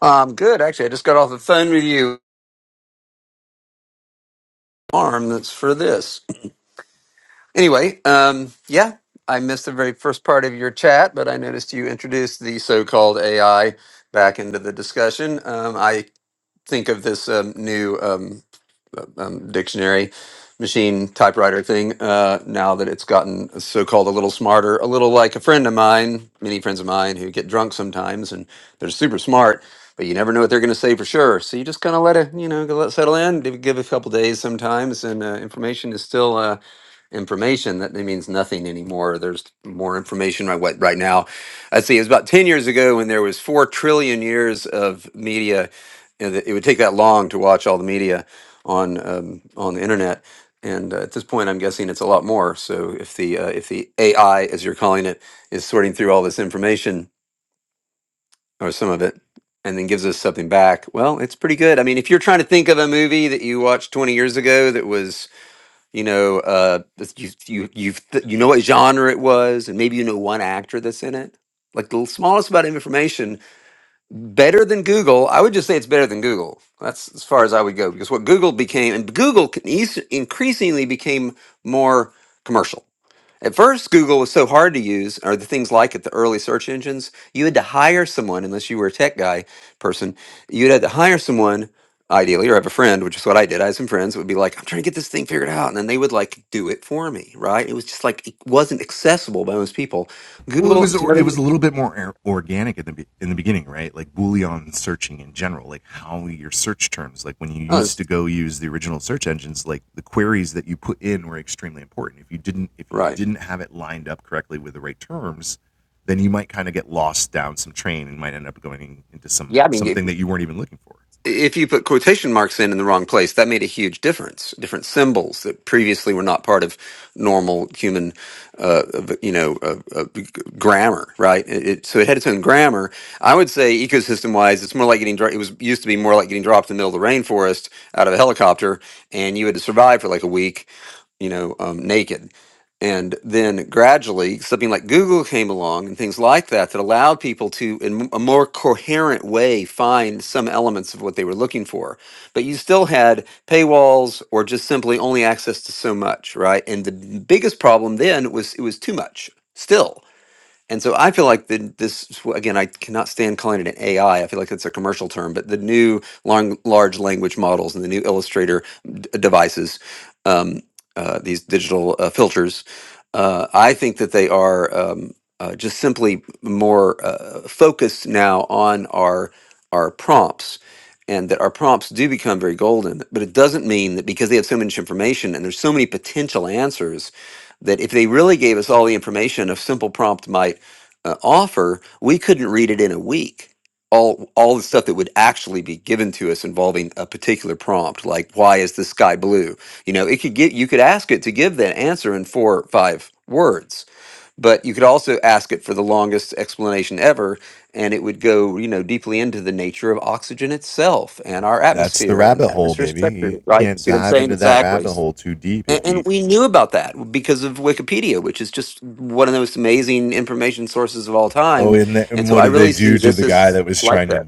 Um, good. Actually, I just got off the phone with you. Arm that's for this. Anyway, um, yeah, I missed the very first part of your chat, but I noticed you introduced the so-called AI back into the discussion. Um, I think of this um, new. um, um, dictionary machine typewriter thing uh, now that it's gotten so-called a little smarter a little like a friend of mine many friends of mine who get drunk sometimes and they're super smart but you never know what they're going to say for sure so you just kind of let it you know go let it settle in give give it a couple days sometimes and uh, information is still uh, information that it means nothing anymore there's more information right what right now i see it was about 10 years ago when there was 4 trillion years of media and it it would take that long to watch all the media on um, on the internet and uh, at this point i'm guessing it's a lot more so if the uh, if the ai as you're calling it is sorting through all this information or some of it and then gives us something back well it's pretty good i mean if you're trying to think of a movie that you watched 20 years ago that was you know uh this- you you you th- you know what genre it was and maybe you know one actor that's in it like the smallest amount of information better than google i would just say it's better than google that's as far as i would go because what google became and google can eas- increasingly became more commercial at first, Google was so hard to use, or the things like it, the early search engines, you had to hire someone, unless you were a tech guy person, you'd had to hire someone, ideally, or have a friend, which is what I did. I had some friends that would be like, I'm trying to get this thing figured out. And then they would like do it for me, right? It was just like, it wasn't accessible by most people. Google, Mhm. oh, it's- never- us, right. Yeah, I mean, if if you put quotation marks in in the wrong place, that made a huge difference. Different symbols that previously were not part of normal human, uh, of- you know, uh, uh, grammar, right? It, it- so it had its own grammar. I would say ecosystem-wise, it's more like getting dro- it was used to be more like getting dropped in the middle of the rainforest out of a helicopter, and you had to survive for like a week you know, um, naked. And then gradually, something like Google came along and things like that that allowed people to, in a more coherent way, find some elements of what they were looking for. But you still had paywalls or just simply only access to so much, right? And the biggest problem then was it was too much still and so I feel like the, this again, I cannot stand calling it an AI. I I feel like that's a commercial term, but the new long, large language models and the new Illustrator d- devices, um, uh, these digital uh, filters, uh, I think that they are um, uh, just simply more uh, focused now on our our prompts. And that our prompts do become very golden, but it doesn't mean that because they have so much information and there's so many potential answers, that if they really gave us all the information, a simple prompt might uh, offer, we couldn't read it in a week. All all the stuff that would actually be given to us involving a particular prompt, like why is the sky blue? You know, it could get you could ask it to give that answer in four or five words, but you could also ask it for the longest explanation ever, and it would go you know deeply into the nature of oxygen itself and our atmosphere and atmospheric structure. Right? See what I'm saying? Exactly. And, and we knew about that because of Wikipedia, which is just one of the most amazing information sources of all time. And so I really see this as like that.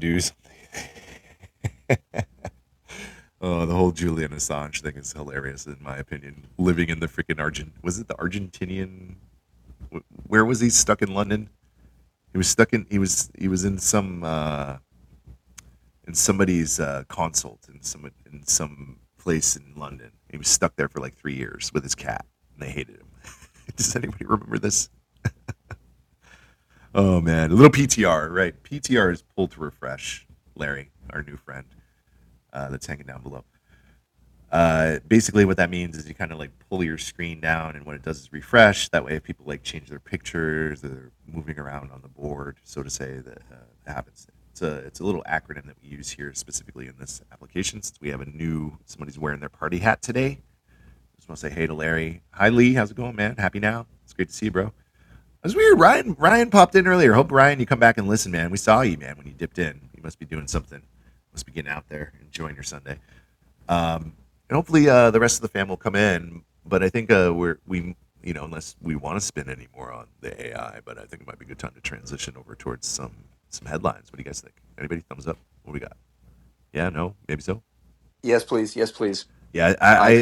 Yes, please. Yes, please. I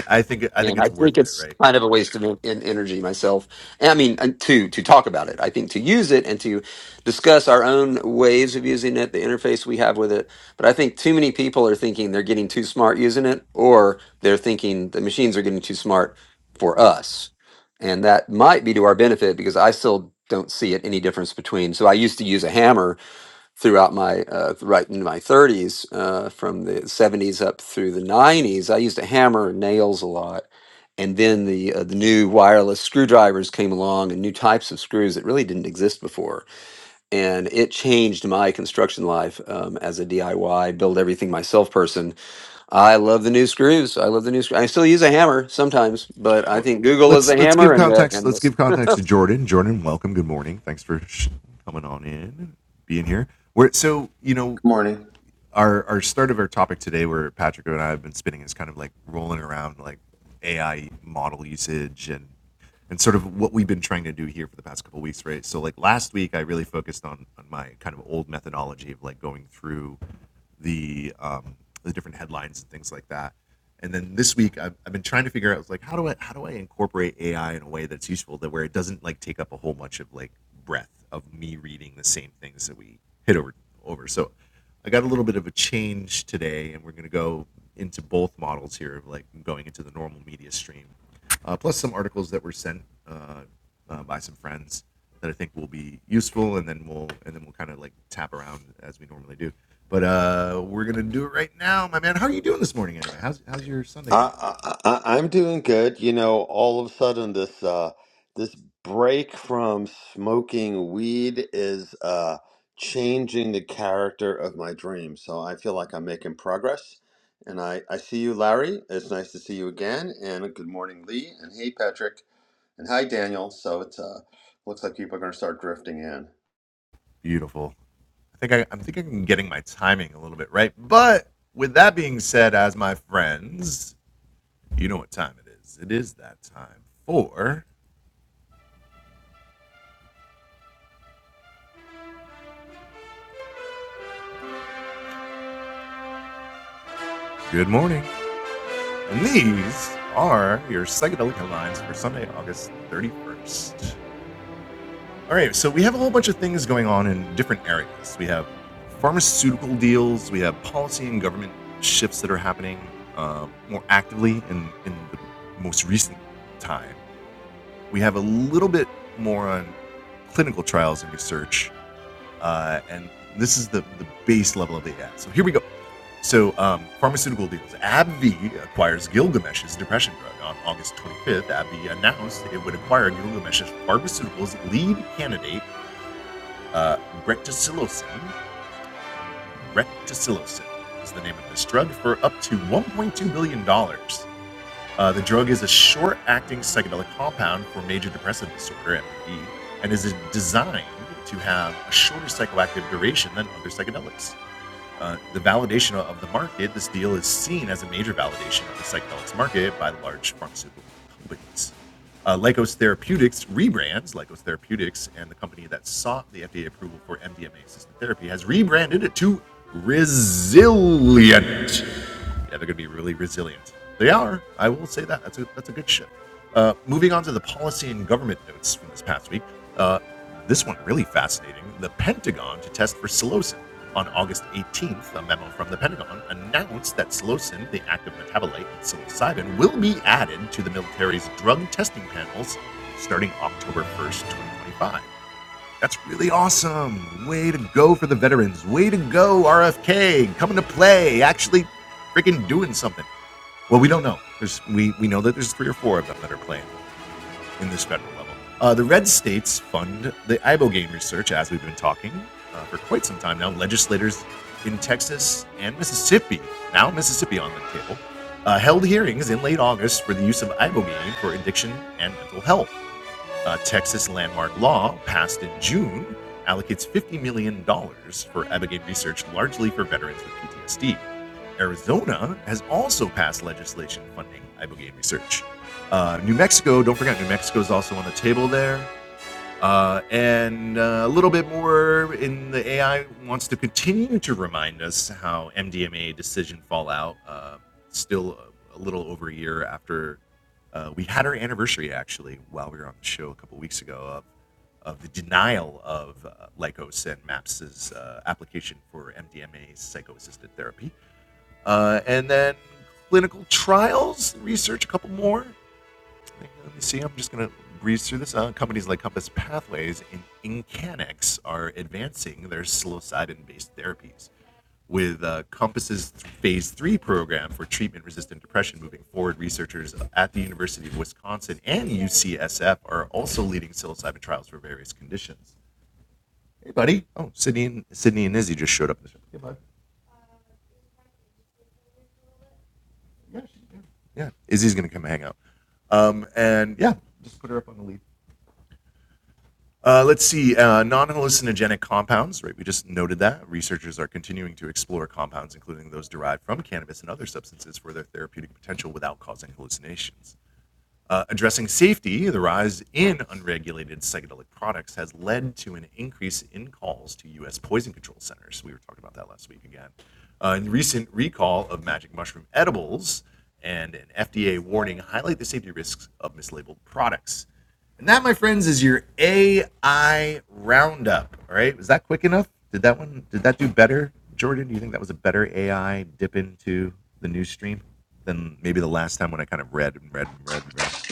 And I think it's kind of a waste of en- en- energy myself. And I mean, and to to talk about it, I think to use it and to discuss our own ways of using it, the interface we have with it. But I think too many people are thinking they're getting too smart using it, or they're thinking the machines are getting too smart for us, and that might be to our benefit because I still don't see it any difference between. So I used to use a hammer throughout my uh, right in my 30s, uh, from the 70s up through the 90s, I used to hammer nails a lot. And then the uh, the new wireless screwdrivers came along, and new types of screws that really didn't exist before, and it changed my construction life um, as a DIY build everything myself person. I love the new screws. I love the new. Sc- I still use a hammer sometimes, but I think Google is the hammer, and uh, and Morning. I, I I- I'm doing good. You know, all of a sudden this uh this break from smoking weed is uh changing the character of my dream. So I feel like I'm making progress. And I I see you, Larry. It's nice to see you again. And good morning, Lee. And hey, Patrick. And hi, Daniel. So it's uh looks like people are going to start drifting in.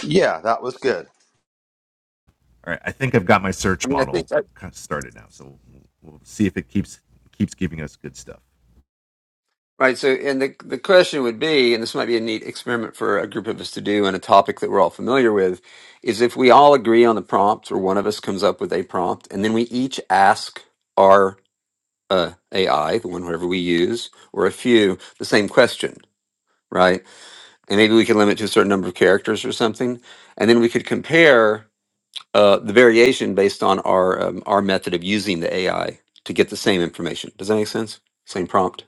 Yeah, that was good. I mean I think Right. So, and the the question would be, and this might be a neat experiment for a group of us to do on a topic that we're all familiar with, is if we all agree on the prompt, or one of us comes up with a prompt, and then we each ask our uh, AI, the one whoever we use, or a few, the same question, right? And maybe we can limit to a certain number of characters or something, and then we could compare uh, the variation based on our um, our method of using the AI to get the same information. Does that make sense? Same prompt.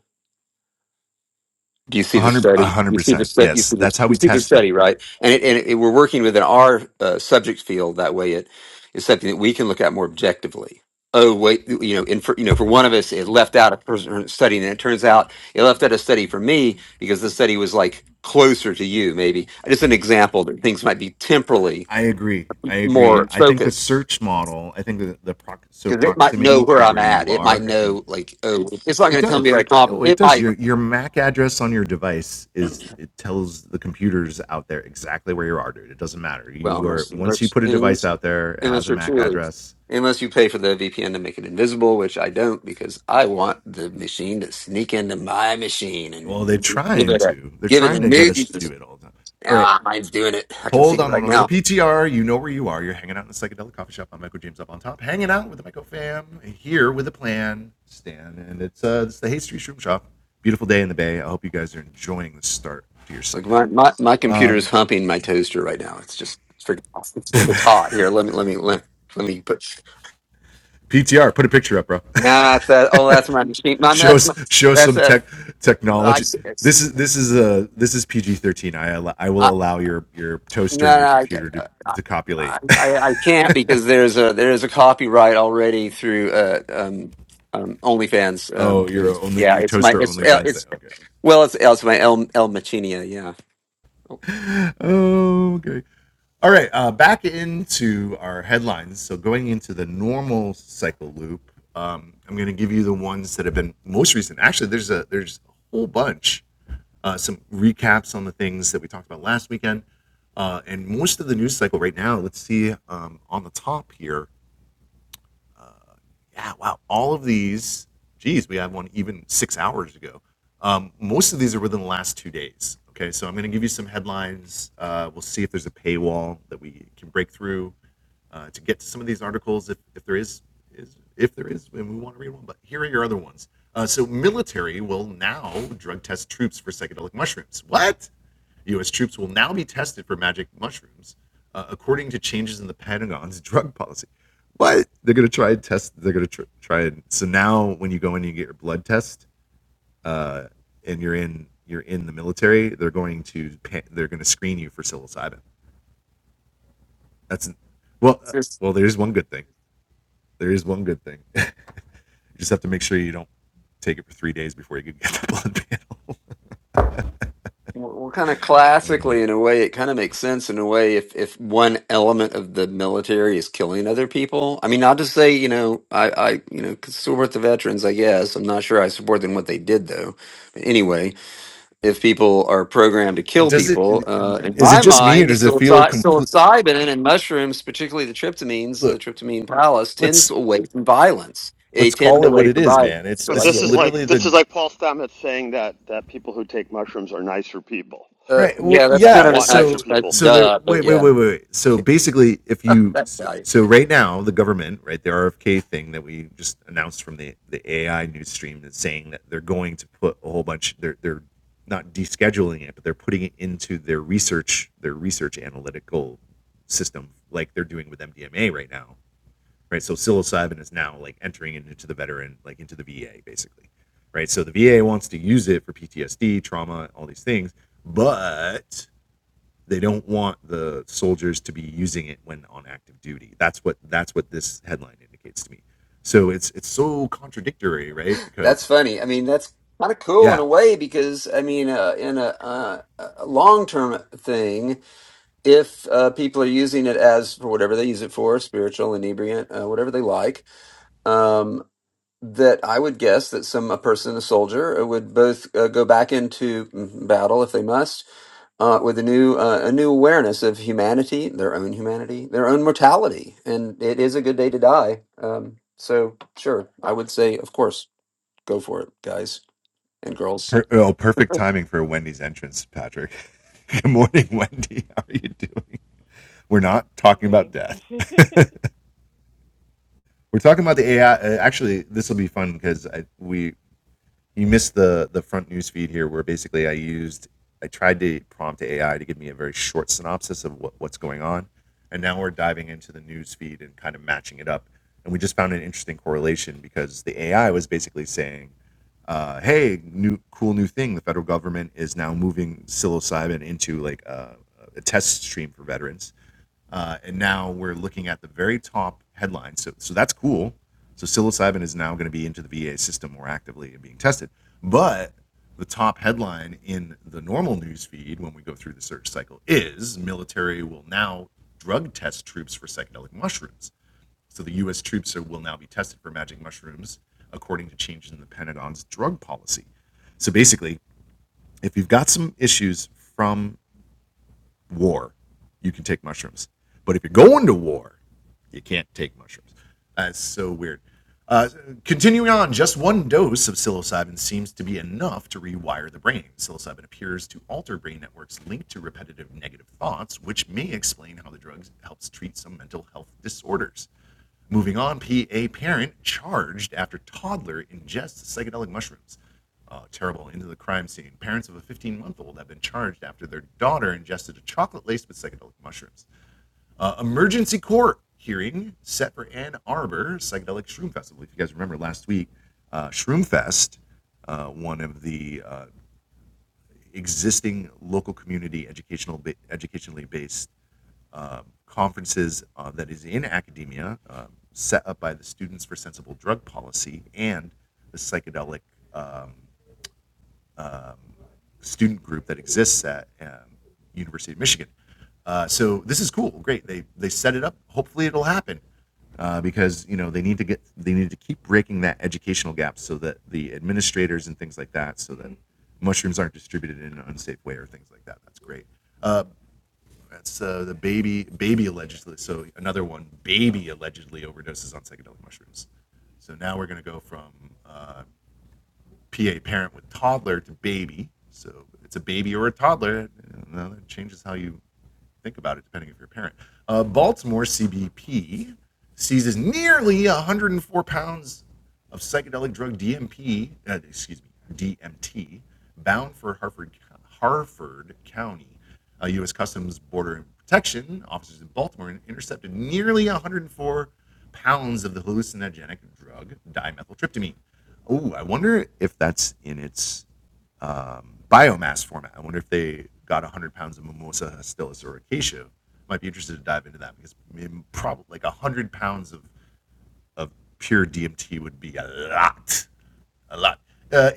Do you see the study? You see the stu- you see the you see the study, right? And it, and it, we're working within our uh, subject field that way. It is something that we can look at more objectively. Oh wait, you know, and for, you know, for one of us, it left out a person study, and it turns out it left out a study for me because the study was like closer to you. Maybe just an example that things might be temporally more Mhm. focused because it might know where I'm at. It might know like oh, it's not going to tell me like oh, it might. Well, mercy, mercy. Unless you're truly, unless you pay for the VPN to make it invisible, which I don't because I want the machine to sneak into my machine and give it a give it a new. use. Now mine's doing it. I can see it right now. Like my my, my computer is humping my toaster right now. It's just it's freaking awesome. It's, it's hot here. Let me let me let, let me put. Nah, it's that. Oh, that's my machine. My that's my that's that. I see it. I, no, no, I get it. I, I I can't because there's a there's a copyright already through uh, um, um, OnlyFans. Um, yeah, it's my it's El- it's well it's it's my El El Machinia. Yeah, it's just we're, we're kind of classically in a way. It kind of makes sense in a way if if one element of the military is killing other people. I mean, not to say you know I I you know could support the veterans. I guess I'm not sure I support them what they did though. But anyway. if people are programmed to kill people. Uh, in my mind, psilocy- psilocybin and mushrooms, particularly the tryptamines, the tryptamine palace, tends to away from violence. They tend to away from violence. So But I this get is it. like this is like Paul Stamets saying that that people who take mushrooms are nicer people. Uh, yeah, that's You kind don't of an want uh, nicer uh, people. duh, but yeah, I- that's funny. I mean, that's kind of cool in a way because I mean, uh, in a, uh, a long term thing, if uh, people are using it as for whatever they use it for, spiritual, inebriant, uh, whatever they like, um, that I would guess that some a person, a soldier, uh, would both uh, go back into mm, battle if they must, uh, with a new uh, a new awareness of humanity, their own humanity, their own mortality, and it is a good day to die. Um, so, sure, I would say, of course, go for it, guys and girls. Good morning.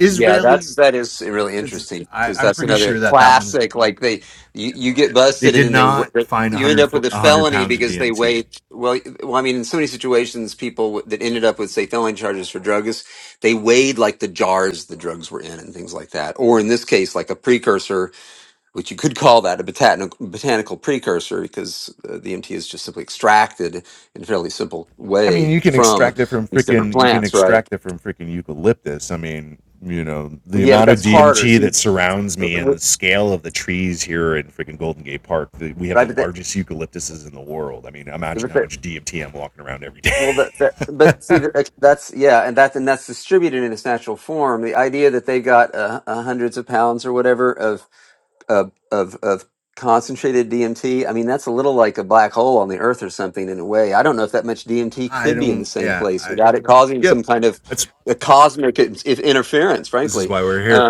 Yeah, that's that is really interesting because that's another classic. Like they, you, you get busted and then they wa- you end up with a felony because they wait. Well, well, I mean, in so many situations, people that ended up with say felony charges for drugs, they weighed like the jars the drugs were in and things like that. Or in this case, like a precursor, which you could call that a botanical botanical precursor because uh, the MT is just simply extracted in a fairly simple way from these different plants, right? Yeah, but that's harder. See, right? But that, but that, well, that, that, but see, that- that's yeah, and that and that's distributed in its natural form. The idea that they've got uh, uh, hundreds of pounds or whatever of of of, of concentrated DMT. I mean, that's a little like a black hole on the Earth or something in a way. I don't know if that much DMT could be in the same place without it causing some kind of a cosmic in- interference. Frankly, Um,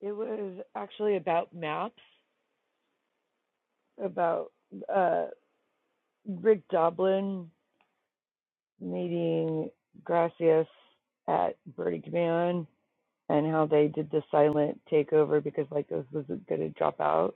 it was actually about maps, about uh, Rick Doblin meeting Gracias at Birdie Command and how they did the silent takeover because Lycos wasn't going to drop out.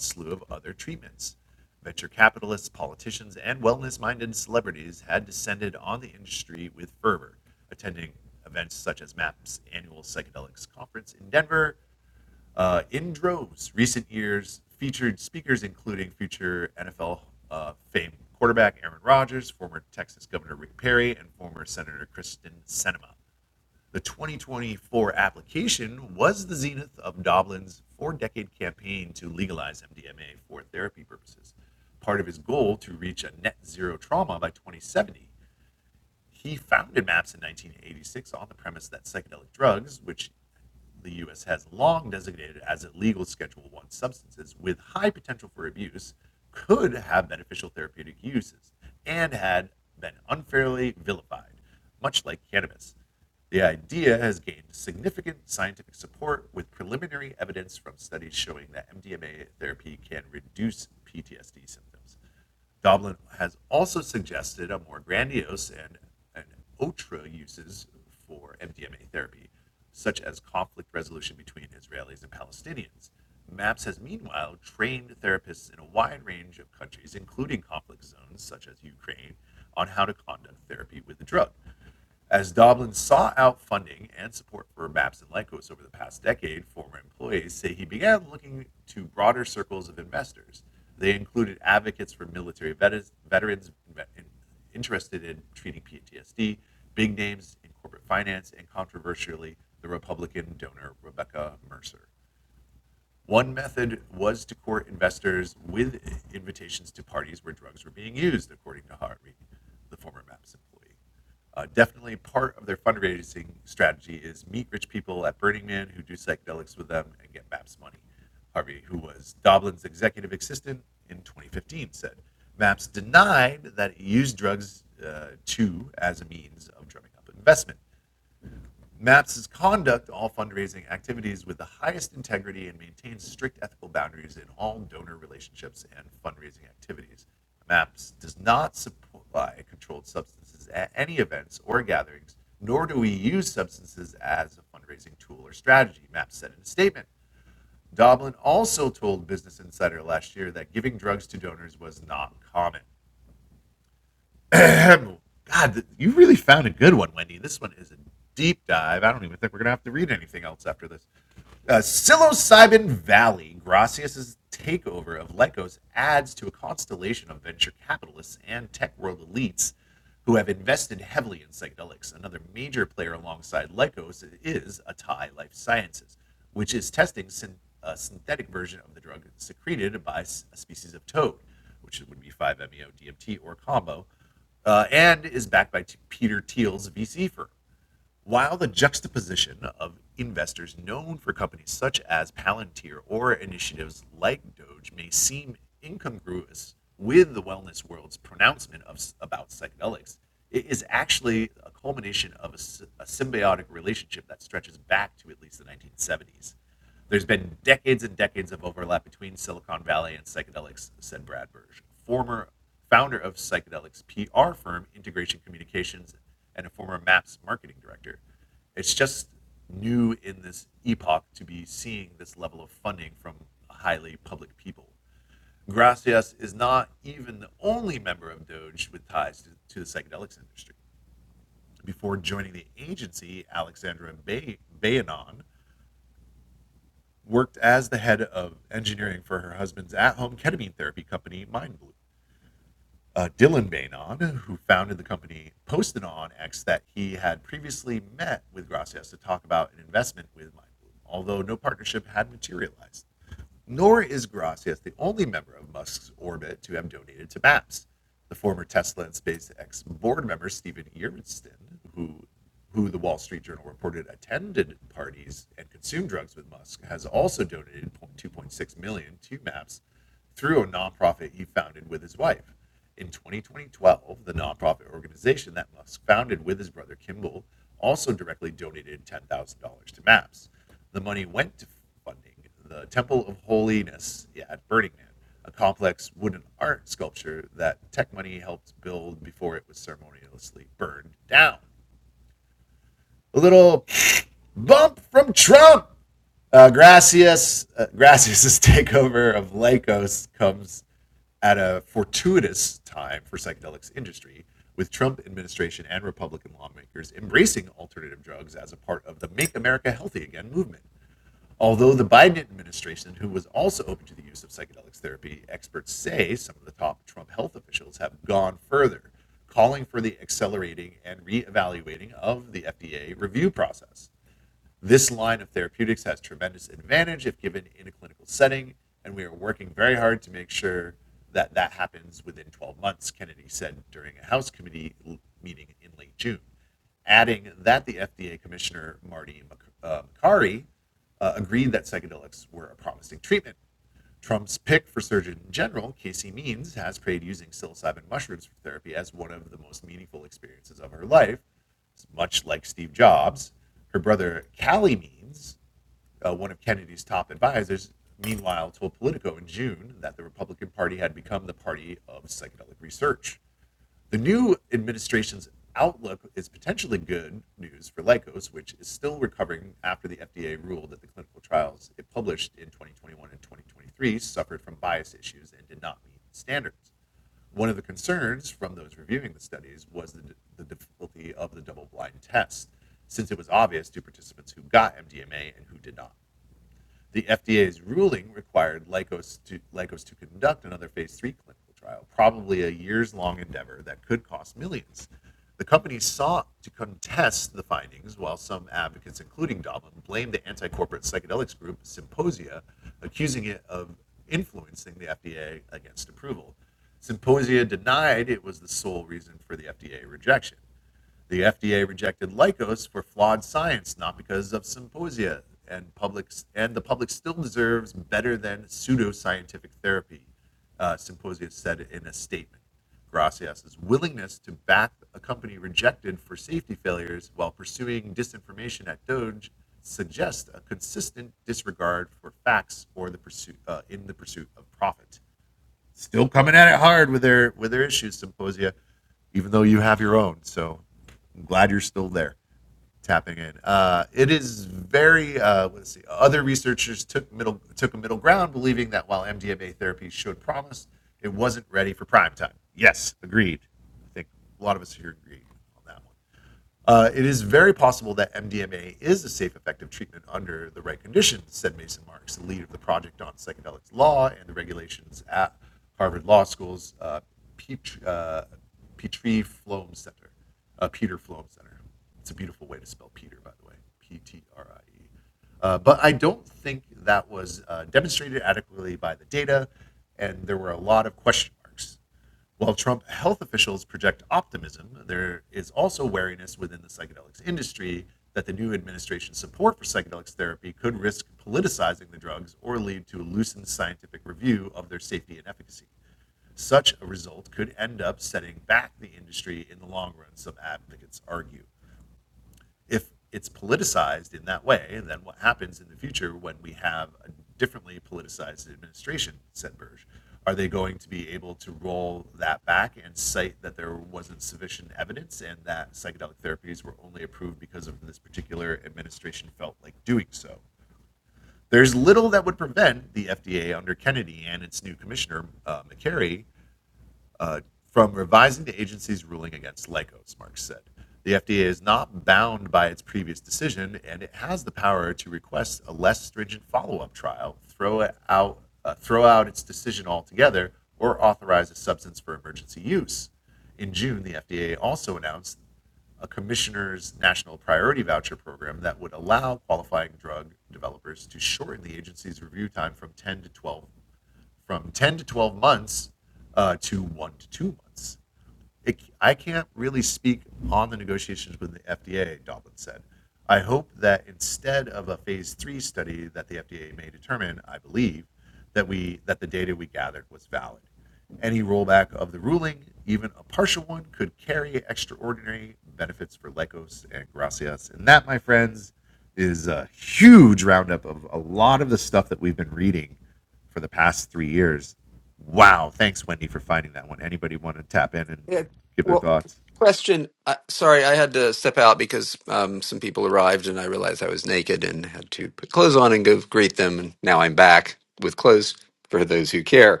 Yeah. Well, question. Uh, sorry, I had to step out because um, some people arrived and I realized I was naked and had to put clothes on and go greet them. And now I'm back with clothes for those who care.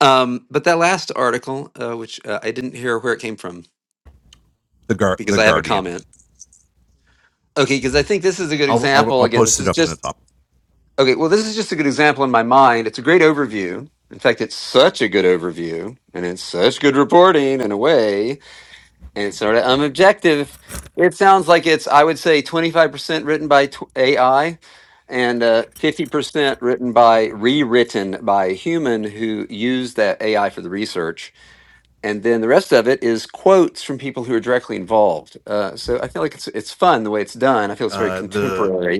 Um, but that last article, uh, which uh, I didn't hear where it came from because I have a comment. Okay, because I think this is a good example. Again, this is just okay. Well, this is just a good example in my mind. It's a great overview. In fact, it's such a good overview and it's such good reporting in a way and sort of unobjective. It sounds like it's, I would say, 25% written by tw- AI and uh, 50% written by, rewritten by a human who used that AI for the research. And then the rest of it is quotes from people who are directly involved. Uh, so I feel like it's it's fun the way it's done. I feel it's very contemporary.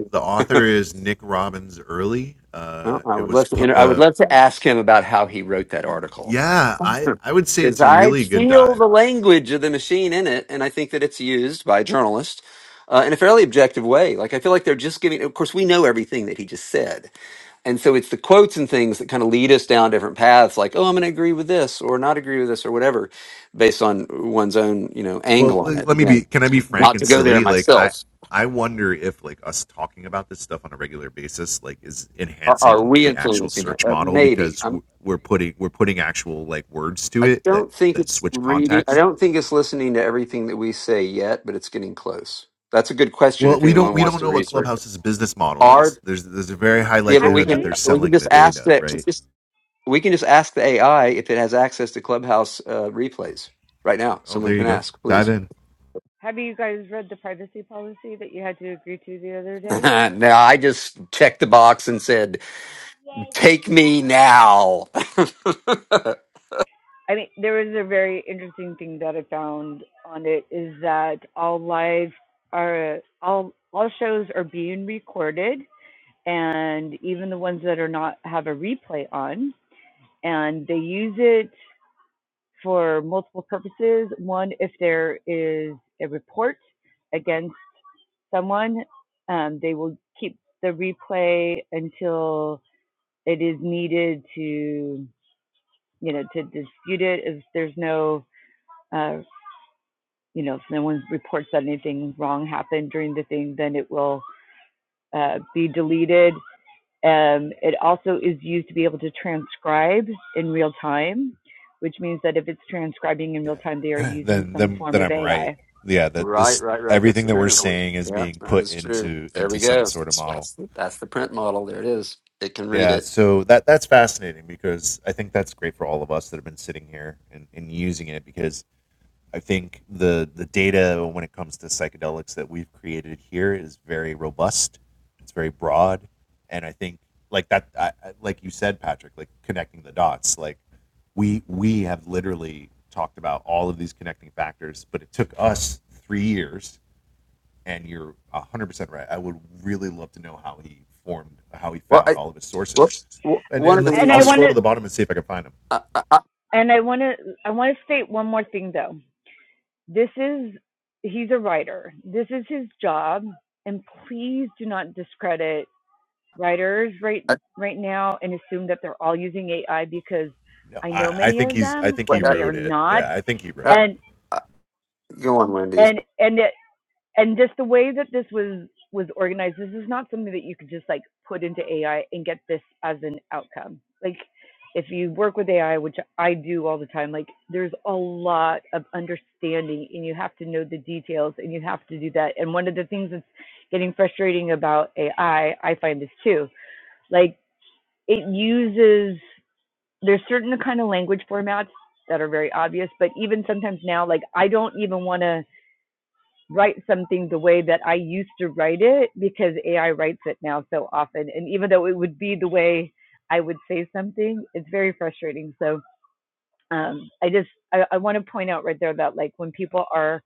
Well, I would love to. Inter- I would love to ask him about how he wrote that article, because I feel the language of the machine in it, and I think that it's used by journalists uh, in a fairly objective way. Like I feel like they're just giving. Of course, we know everything that he just said, and so it's the quotes and things that kind of lead us down different paths. Like, oh, I'm going to agree with this or not agree with this or whatever, based on one's own you know angle on it. Again, not to go there myself. Are, are we influencing it? Uh, maybe. I don't think it's reading. I don't think it's listening to everything that we say yet, but it's getting close. That's a good question. If anyone wants to research, it. are yeah, but we can Actually, we can just ask that. it's just- we can just ask the AI if it has access to Clubhouse uh, replays right now. Someone can ask, please. have you guys read the privacy policy that you had to agree to the other day? no, I just checked the box and said, "Take me now." I mean, there was a very interesting thing that I found on it is that all live are all all shows are being recorded and even the ones that are not have a replay on and they use it for multiple purposes one if there is a report against someone um, they will keep the replay until it is needed to you know to dispute it if there's no uh, you know if no one reports that anything wrong happened during the thing then it will uh, be deleted Um, it also is used to be able to transcribe in real time, which means that if it's transcribing in real time, they are using some form of AI. right, right, right. That's true. Yeah, that is true. There we go. That's that's the print model. There it is. It can read it. Well, I, well, w- one of the And I reasons want to, I, I, I, and I want to, I want to state one more thing though. This is, he's a writer. This is his job, and please do not discredit writers right I, right now and assume that they're all using AI because I know many of them what- and I, they are not I- and go on, Wendy's. and and and just the way that this was was organized this is not something that you could just like put into ai and get this as an outcome like if you work with ai which i do all the time like there's a lot of understanding and you have to know the details and you have to do that and one of the things that's getting frustrating about ai i I find this too like it uses there's certain kind of language formats that are very obvious but even sometimes now like i don't even want to write something the way that I used to write it because AI writes it now so often. And even though it would be the way I would say something, it's very frustrating. So um, I just I, I want to point out right there that like when people are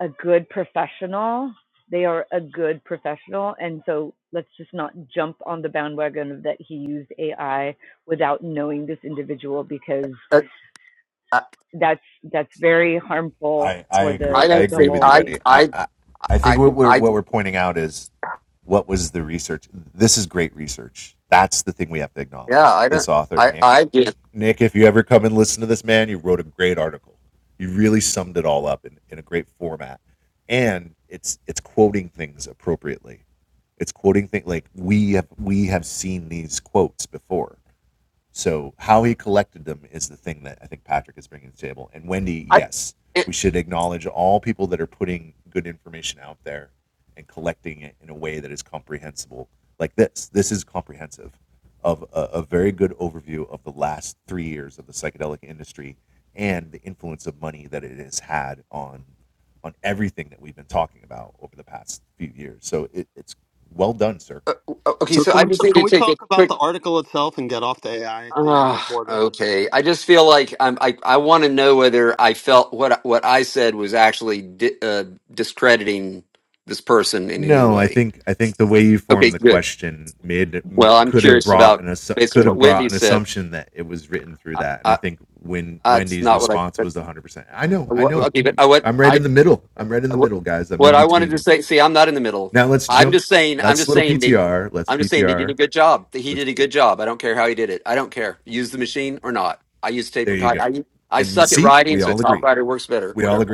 a good professional, they are a good professional, and so let's just not jump on the bandwagon of that he used AI without knowing this individual because I, I, that's that's very harmful for I the don't the think whole I, thing. I, I, I, yeah, I don't, I, I did. I, it, uh, uh, okay, So so can I we just so need can to we take a talk about quick. the article itself and get off the AI thing in the Uh, reporter? okay, I just feel like I'm. I, I want to know whether I felt what I- what I said was actually di- uh, discrediting this person in any way. Okay, good. Well, I'm curious about based on what Wendy said. I, I, it's not what I. Wha- Okay, but uh, what I what what I wanted to say, see, I'm not in the middle. I'm just saying, I'm just saying they, I'm just saying they did a good job. That He did a good job. I don't care how he did it. I don't care. Use the machine or not. I use tape or tie. I I suck at writing, so top writer works better. Whatever.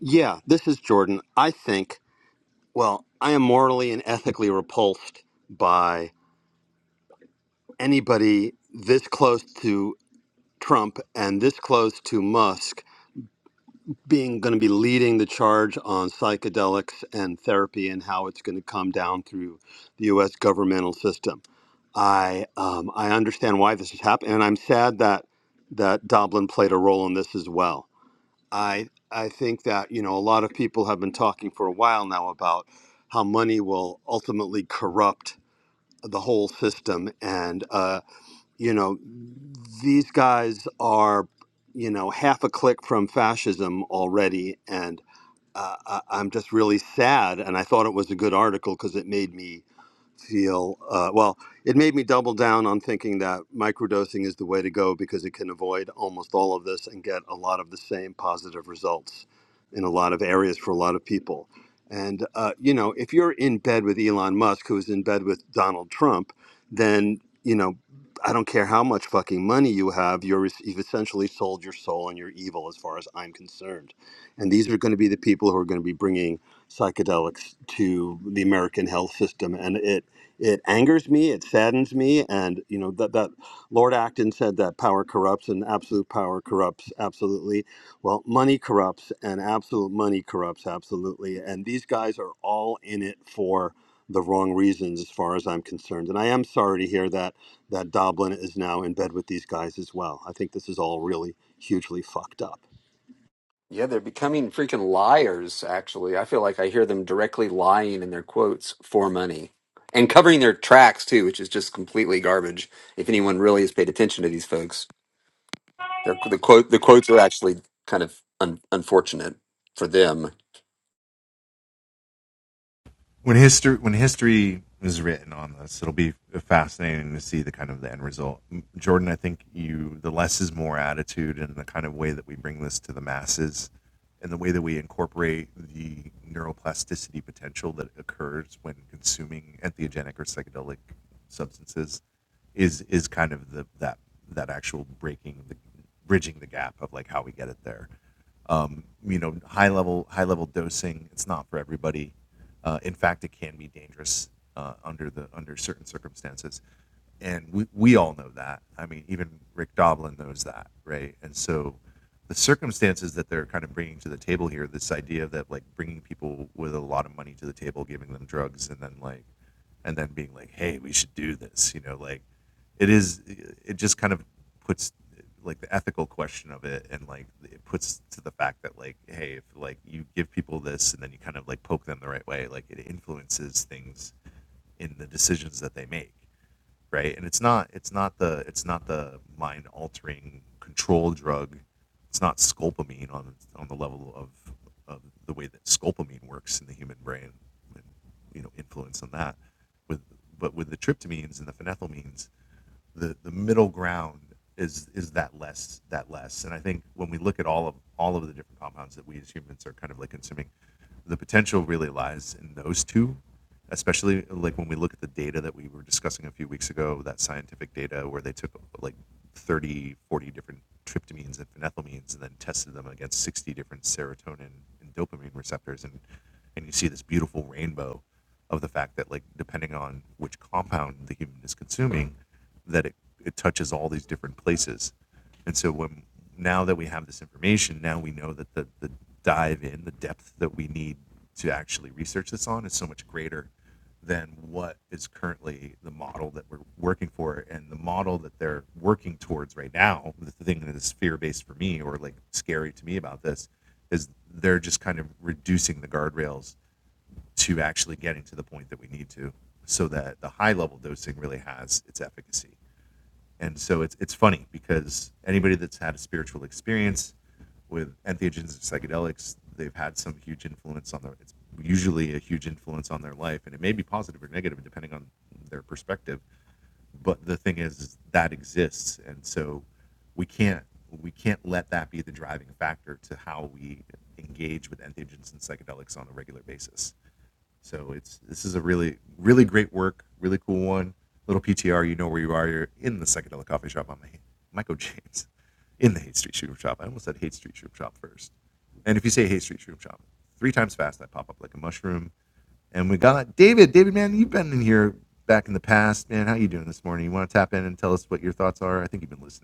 Yeah, this is Jordan. I think well, I am morally and ethically repulsed by anybody this close to Trump and this close to Musk being going to be leading the charge on psychedelics and therapy and how it's going to come down through the US governmental system. I um, I understand why this is happening, and I'm sad that that Dublin played a role in this as well. I I think that you know a lot of people have been talking for a while now about how money will ultimately corrupt the whole system, and uh, you know these guys are you know half a click from fascism already, and uh, I, I'm just really sad. And I thought it was a good article because it made me feel uh, well it made me double down on thinking that microdosing is the way to go because it can avoid almost all of this and get a lot of the same positive results in a lot of areas for a lot of people and uh, you know if you're in bed with elon musk who's in bed with donald trump then you know i don't care how much fucking money you have you're you've essentially sold your soul and you're evil as far as i'm concerned and these are going to be the people who are going to be bringing psychedelics to the American health system, and it it angers me it saddens me and you know that that lord acton said that power corrupts and absolute power corrupts absolutely well money corrupts and absolute money corrupts absolutely and these guys are all in it for the wrong reasons as far as i'm concerned and i am sorry to hear that that doblin is now in bed with these guys as well i think this is all really hugely fucked up Yeah, they're becoming freaking liars. Actually, I feel like I hear them directly lying in their quotes for money and covering their tracks too, which is just completely garbage. If anyone really has paid attention to these folks. They're, the quote the quotes are actually kind of un, unfortunate for them.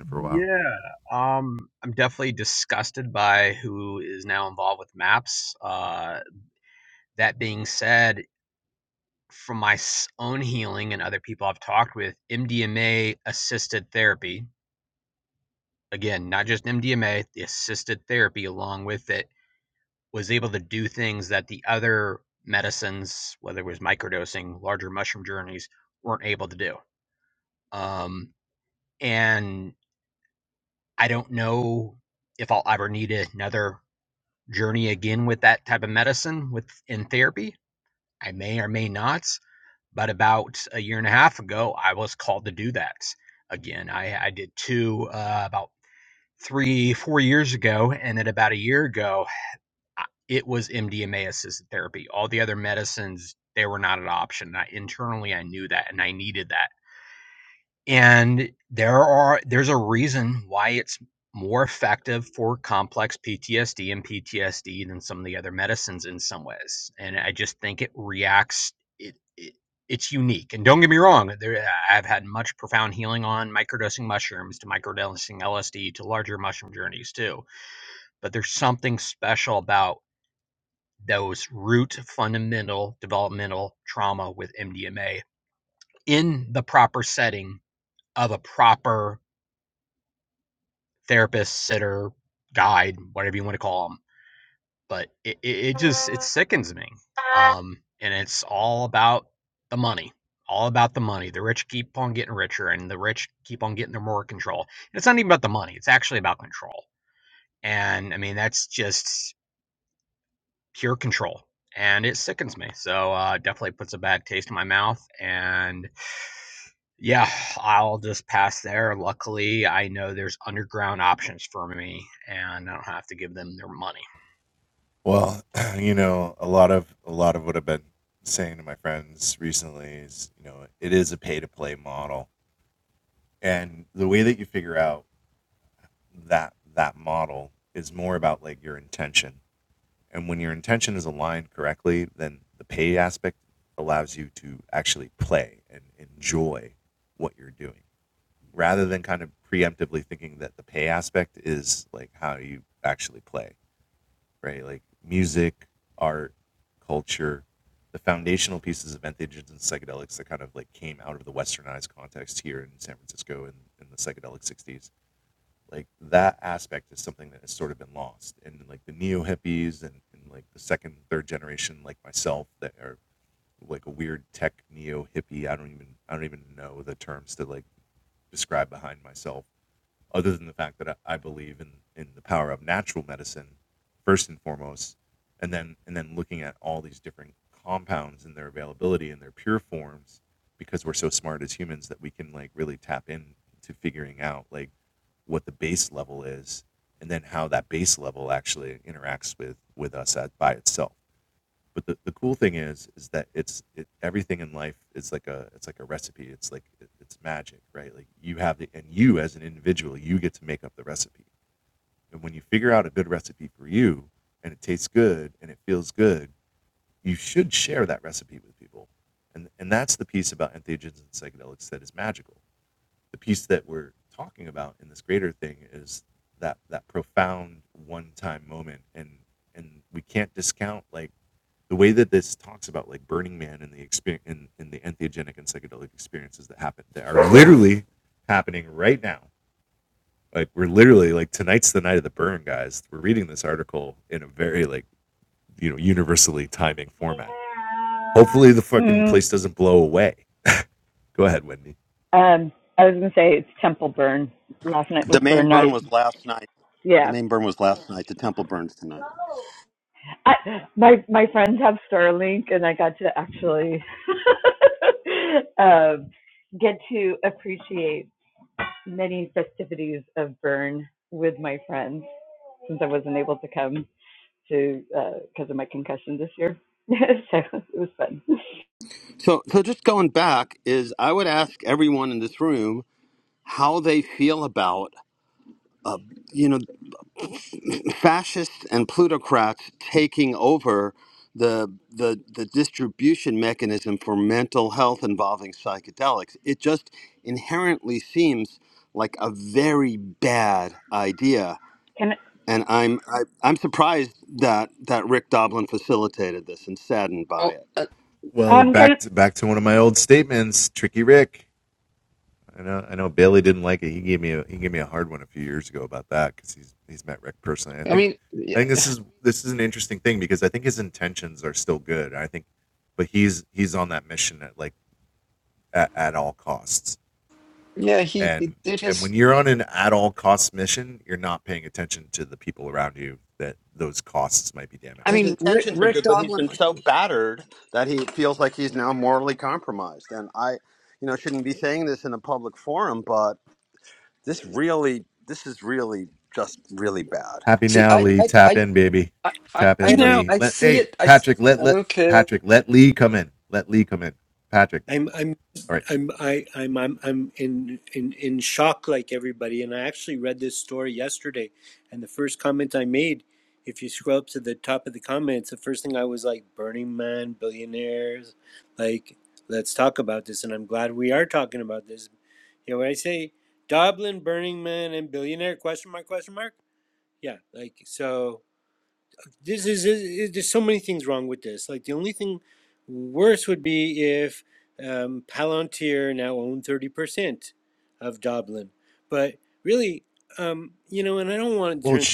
Yeah, um, I'm definitely disgusted by who is now involved with maps. Uh, that being said, from my s- own healing and other people I've talked with, MDMA assisted therapy, again, not just MDMA, the assisted therapy along with it, was able to do things that the other medicines, whether it was microdosing, larger mushroom journeys, weren't able to do. Um, and I don't know if I'll ever need another journey again with that type of medicine with in therapy. I may or may not, but about a year and a half ago, I was called to do that again. I, I did two uh, about three, four years ago, and then about a year ago, it was MDMA assisted therapy. All the other medicines, they were not an option. I, internally, I knew that, and I needed that and there are there's a reason why it's more effective for complex PTSD and PTSD than some of the other medicines in some ways. And I just think it reacts it, it it's unique. And don't get me wrong, there I've had much profound healing on microdosing mushrooms to microdosing LSD to larger mushroom journeys too. But there's something special about those root fundamental developmental trauma with MDMA in the proper setting of a proper therapist, sitter, guide, whatever you want to call them. But it, it, it just it sickens me. Um, and it's all about the money, all about the money. The rich keep on getting richer, and the rich keep on getting their more control. And it's not even about the money; it's actually about control. And I mean, that's just pure control, and it sickens me. So uh, definitely puts a bad taste in my mouth, and Yeah, I'll just pass there. Luckily, I know there's underground options for me, and I don't have to give them their money. Mm-hmm. Um, I was gonna say it's Temple Burn. Last night was the main burn burn night. was last night the Yeah, main burn was last night the temple burns tonight I, my my friends have Starlink, and I got to actually um, get to appreciate many festivities of burn with my friends since I wasn't able to come to because of my concussion this year. so it was fun. So, so just going back is I would ask everyone in this room how they feel about, uh, you know, fascists and plutocrats taking over the, the the distribution mechanism for mental health involving psychedelics. It just inherently seems like a very bad idea, Can and I'm I, I'm surprised that that Rick Doblin facilitated this and saddened by Well, it. uh, I, um can I mean, yeah, yeah, he, he did his. I his mean, Rick, intentions are Rick good, but he's Doblin. been Like, so battered that he feels like he's now morally compromised. And I, you know, shouldn't be saying this in a public forum, but this really, this is really just really bad. see, I, I, I, I, I I You don't. know, I see it. I s- okay. I'm I'm I'm I, I'm I'm I'm in in in shock like everybody. And I actually read this story yesterday, and the first comment I made, if you scroll up to the top of the comments, the first thing I was like, "Burning Man, billionaires, like let's talk about this." And I'm glad we are talking about this. You know what I say? Dublin, Burning Man, and billionaire? Question mark? Question mark? Yeah, like so. this is, is, there's so many things wrong with this. Like the only thing worse would be if um, Palantir now owned thirty percent of Dublin. But really, um, you know, and I don't want it to turn.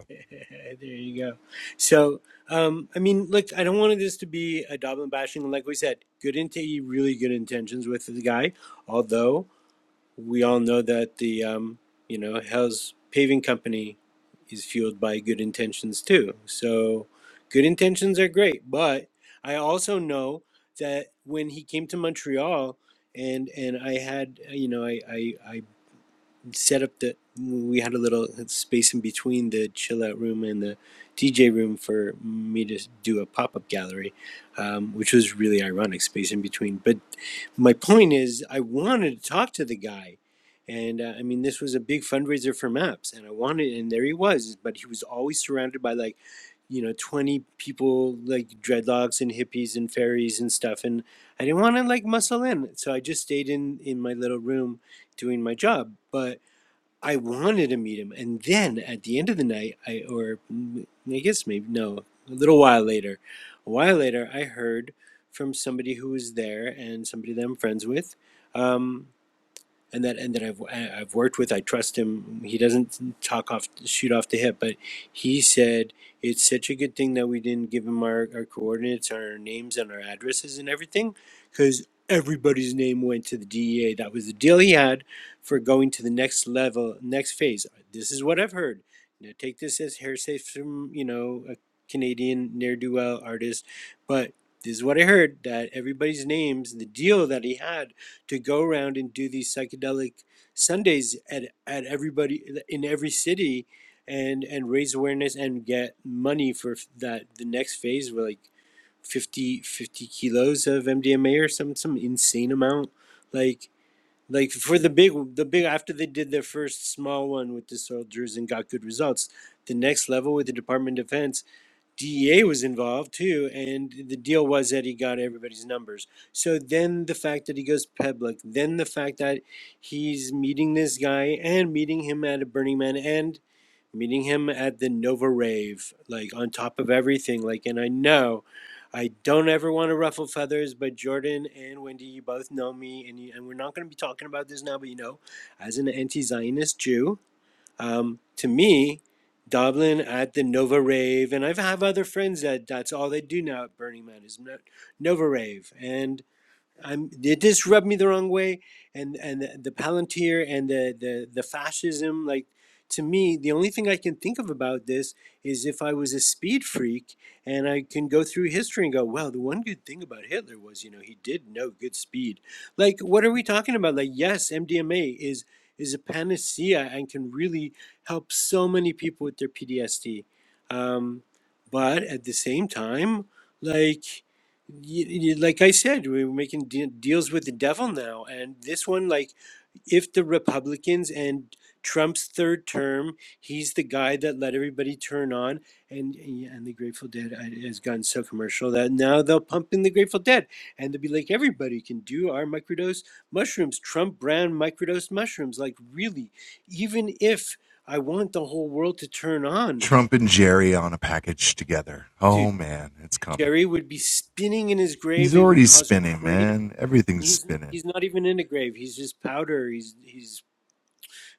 there you go. So um, I mean, look, I don't want this to be a Dublin bashing. Like we said, good into really good intentions with the guy, although. we all know that the um, you know Hell's paving company is fueled by good intentions too. So good intentions are great, but I also know that when he came to Montreal and and I had you know I I, I set up the we had a little space in between the chill out room and the DJ room for me to do a pop up gallery, um, which was really ironic space in between. But my point is, I wanted to talk to the guy, and uh, I mean, this was a big fundraiser for Maps, and I wanted, and there he was, but he was always surrounded by like, you know, twenty people like dreadlocks and hippies and fairies and stuff, and I didn't want to like muscle in, so I just stayed in in my little room doing my job, but I wanted to meet him. And then at the end of the night, I or mm, I guess maybe no, a little while later, a while later, I heard from somebody who was there and somebody that I'm friends with. Um, and that and that I've I- have i have worked with. I trust him. He doesn't talk off shoot off the hip, but he said it's such a good thing that we didn't give him our, our coordinates, our names, and our addresses and everything, because everybody's name went to the DEA. That was the deal he had for going to the next level, next phase. This is what I've heard. Now take this as hearsay from you know a Canadian ne'er do well artist, but this is what I heard that everybody's names, the deal that he had to go around and do these psychedelic Sundays at at everybody in every city, and and raise awareness and get money for that the next phase were like 50, kilos of MDMA or some some insane amount like like for the big the big after they did their first small one with the soldiers and got good results the next level with the department of defense DEA was involved too, and the deal was that he got everybody's numbers. So then the fact that he goes public, then the fact that he's meeting this guy and meeting him at a Burning Man and meeting him at the Nova Rave, like on top of everything. Like, and I know I don't ever want to ruffle feathers, but Jordan and Wendy, you both know me, and, you, and we're not going to be talking about this now, but you know, as an anti Zionist Jew. Um, to me, Dublin at the Nova Rave, and I have other friends that that's all they do now at Burning Man is no, Nova Rave, and I'm they just rubbed me the wrong way, and and the, the Palantir and the, the the fascism. Like to me, the only thing I can think of about this is if I was a speed freak and I can go through history and go, well, the one good thing about Hitler was you know he did know good speed. Like what are we talking about? Like yes, MDMA is is a panacea and can really help so many people with their PTSD, um, but at the same time, like y- y- like I said, we we're making de- deals with the devil now. And this one, like, if the Republicans and Trump's third term, he's the guy that let everybody turn on, and yeah, and the Grateful Dead I- has gotten so commercial that now they'll pump in the Grateful Dead, and they'll be like, everybody can do our microdose mushrooms, Trump brand microdose mushrooms. Like, really, even if I want the whole world to turn on, dude, Jerry would be spinning in his grave. It would cause a crater. he's he's not even in a grave. He's just powder. He's he's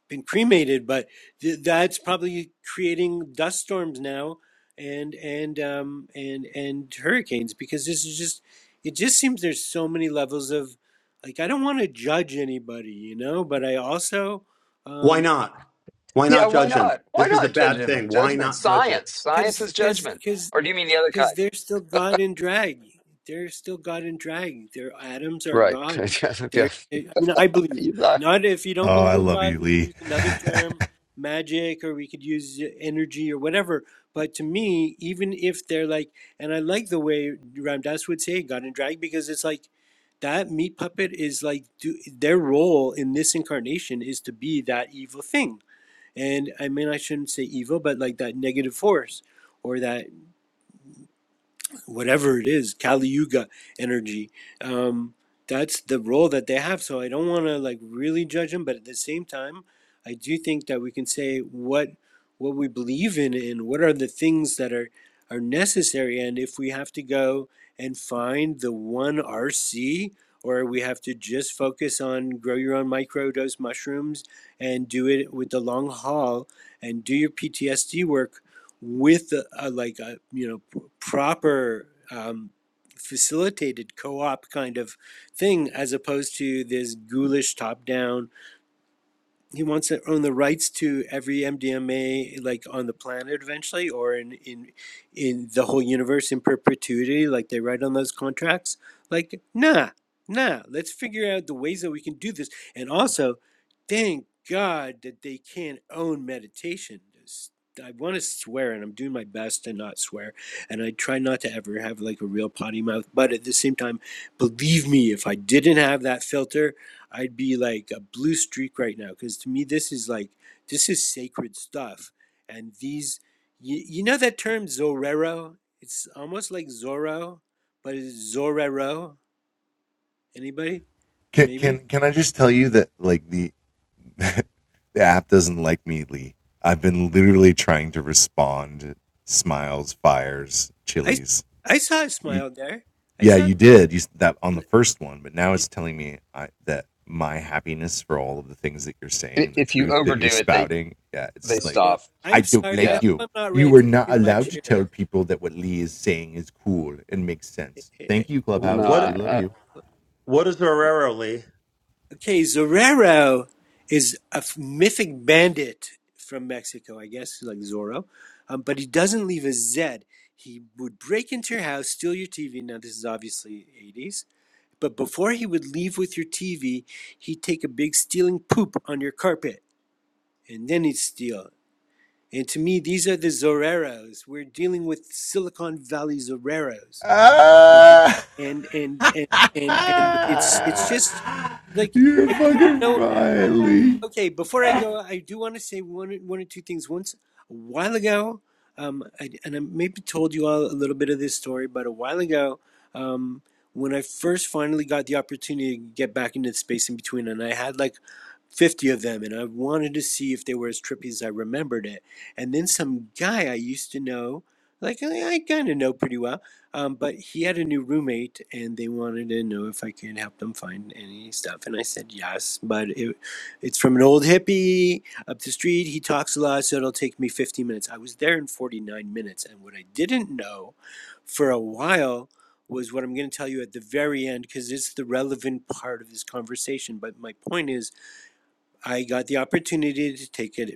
been cremated, but th- that's probably creating dust storms now and and um and and hurricanes because this is just it just seems there's so many levels of like I don't want to judge anybody, you know, but I also um Yeah, why not? Why not judge him? Judgment, science. Science is judgment. cuz Or do you mean the other because kind? they're still God in drag. They're still God in drag. Their atoms are Right. God. yeah. yeah. They're, I mean, I believe. You- uh, Not if you don't believe in God, we can use another term, magic, or we could use energy or whatever. But to me, even if they're like, and I like the way Ram Dass would say God in drag because it's like that meat puppet is like do, their role in this incarnation is to be that evil thing. And I mean, I shouldn't say evil, but like that negative force or that whatever it is, Kali Yuga energy. Um, that's the role that they have. So I don't want to like really judge them, but at the same time, I do think that we can say what what we believe in and what are the things that are are necessary. And if we have to go and find the one RC, or we have to just focus on grow your own microdose mushrooms and do it with the long haul and do your PTSD work with a, a, like a you know proper um, facilitated co-op kind of thing as opposed to this ghoulish top-down he wants to own the rights to every MDMA like on the planet eventually or in in in the whole universe in perpetuity like they write on those contracts like nah nah let's figure out the ways that we can do this and also thank god that they can't own meditation Just- I want to swear and I'm doing my best to not swear and I try not to ever have like a real potty mouth but at the same time believe me if I didn't have that filter I'd be like a blue streak right now because to me this is like this is sacred stuff, and these you, you know that term Zorero. It's almost like Zorro, but it's Zorero. Anybody? Maybe I I saw a smile there. I saw a smile. There. And, and, i- If you overdo it, they they uh, well, stop. I'm sorry. I hope Yeah. I'm not ranting too much here. Wh- No. I, What I, what is Herrero, Lee? Okay, Zorero is a mythic bandit from Mexico, I guess, like Zorro, um, but he doesn't leave a Z. He would break into your house, steal your TV. Now, this is obviously 80s, but before he would leave with your TV, he'd take a big stealing poop on your carpet and then he'd steal. And to me, these are the Zorreros. We're dealing with Silicon Valley Zorreros, And, and, and, and, and, and it's, it's just like, I wouldn't know and okay, before I go, I do want to say one one or two things. Once a while ago, um, I, and I maybe told you all a little bit of this story, but a while ago, um, when I first finally got the opportunity to get back into the space in between, and I had like 50 of them and I wanted to see if they were as trippy as I remembered it. And then some guy I used to know, like I, I kind of know pretty well, um, but he had a new roommate and they wanted to know if I could help them find any stuff. And I said yes, but it, it's from an old hippie up the street. He talks a lot, so it'll take me 15 minutes. I was there in 49 minutes. And what I didn't know for a while was what I'm going to tell you at the very end because it's the relevant part of this conversation. But my point is, I got the opportunity to take a,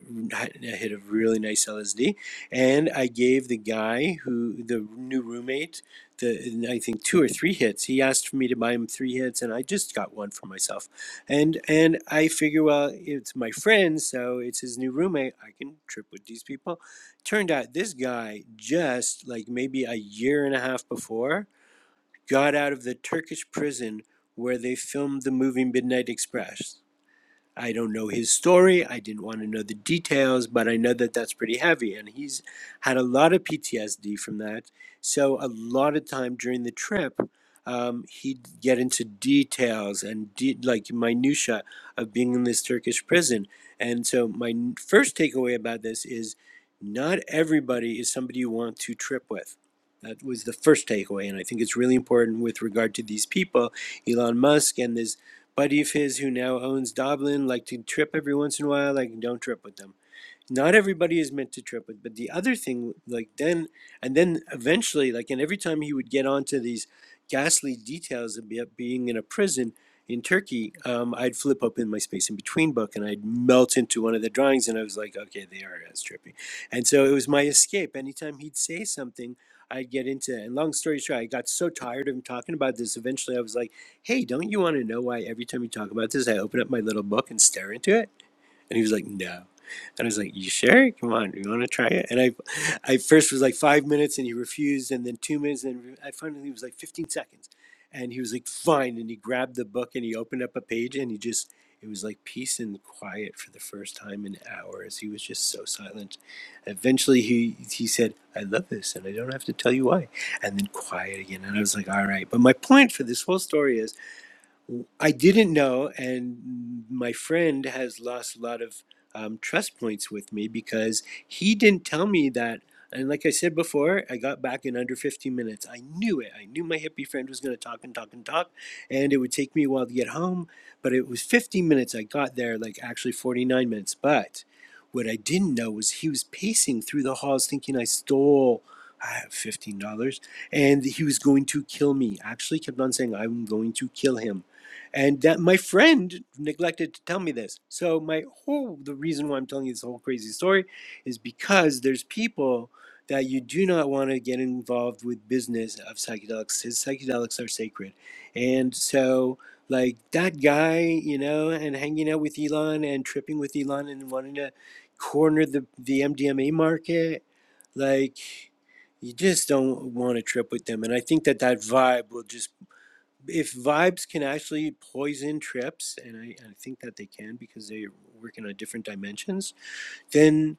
a hit of really nice LSD, and I gave the guy who the new roommate the I think two or three hits. He asked for me to buy him three hits, and I just got one for myself. And and I figure, well, it's my friend, so it's his new roommate. I can trip with these people. Turned out this guy just like maybe a year and a half before got out of the Turkish prison where they filmed the movie Midnight Express. I don't know his story. I didn't want to know the details, but I know that that's pretty heavy. And he's had a lot of PTSD from that. So, a lot of time during the trip, um, he'd get into details and de- like minutia of being in this Turkish prison. And so, my n- first takeaway about this is not everybody is somebody you want to trip with. That was the first takeaway. And I think it's really important with regard to these people, Elon Musk and this Buddy of his who now owns Dublin like to trip every once in a while, like don't trip with them not everybody is meant to trip it but the other thing like then and then eventually like and every time he would get onto these ghastly details of be- being in a prison in turkey um, i'd flip open my space in between book and i'd melt into one of the drawings and i was like okay they are as trippy and so it was my escape anytime he'd say something i'd get into it and long story short i got so tired of him talking about this eventually i was like hey don't you want to know why every time you talk about this i open up my little book and stare into it and he was like, no. And I was like, you sure? Come on, you want to try it? And I, I first was like five minutes, and he refused, and then two minutes, and I finally was like fifteen seconds, and he was like, fine. And he grabbed the book and he opened up a page, and he just, it was like peace and quiet for the first time in hours. He was just so silent. Eventually, he he said, I love this, and I don't have to tell you why. And then quiet again, and I was like, all right. But my point for this whole story is. I didn't know, and my friend has lost a lot of um, trust points with me because he didn't tell me that. And like I said before, I got back in under 15 minutes. I knew it. I knew my hippie friend was going to talk and talk and talk, and it would take me a while to get home. But it was 15 minutes. I got there, like actually 49 minutes. But what I didn't know was he was pacing through the halls thinking I stole ah, $15 and he was going to kill me. Actually, kept on saying, I'm going to kill him and that my friend neglected to tell me this. So my whole the reason why I'm telling you this whole crazy story is because there's people that you do not want to get involved with business of psychedelics. His psychedelics are sacred. And so like that guy, you know, and hanging out with Elon and tripping with Elon and wanting to corner the, the MDMA market, like you just don't want to trip with them. And I think that that vibe will just if vibes can actually poison trips, and I, I think that they can because they work in on different dimensions, then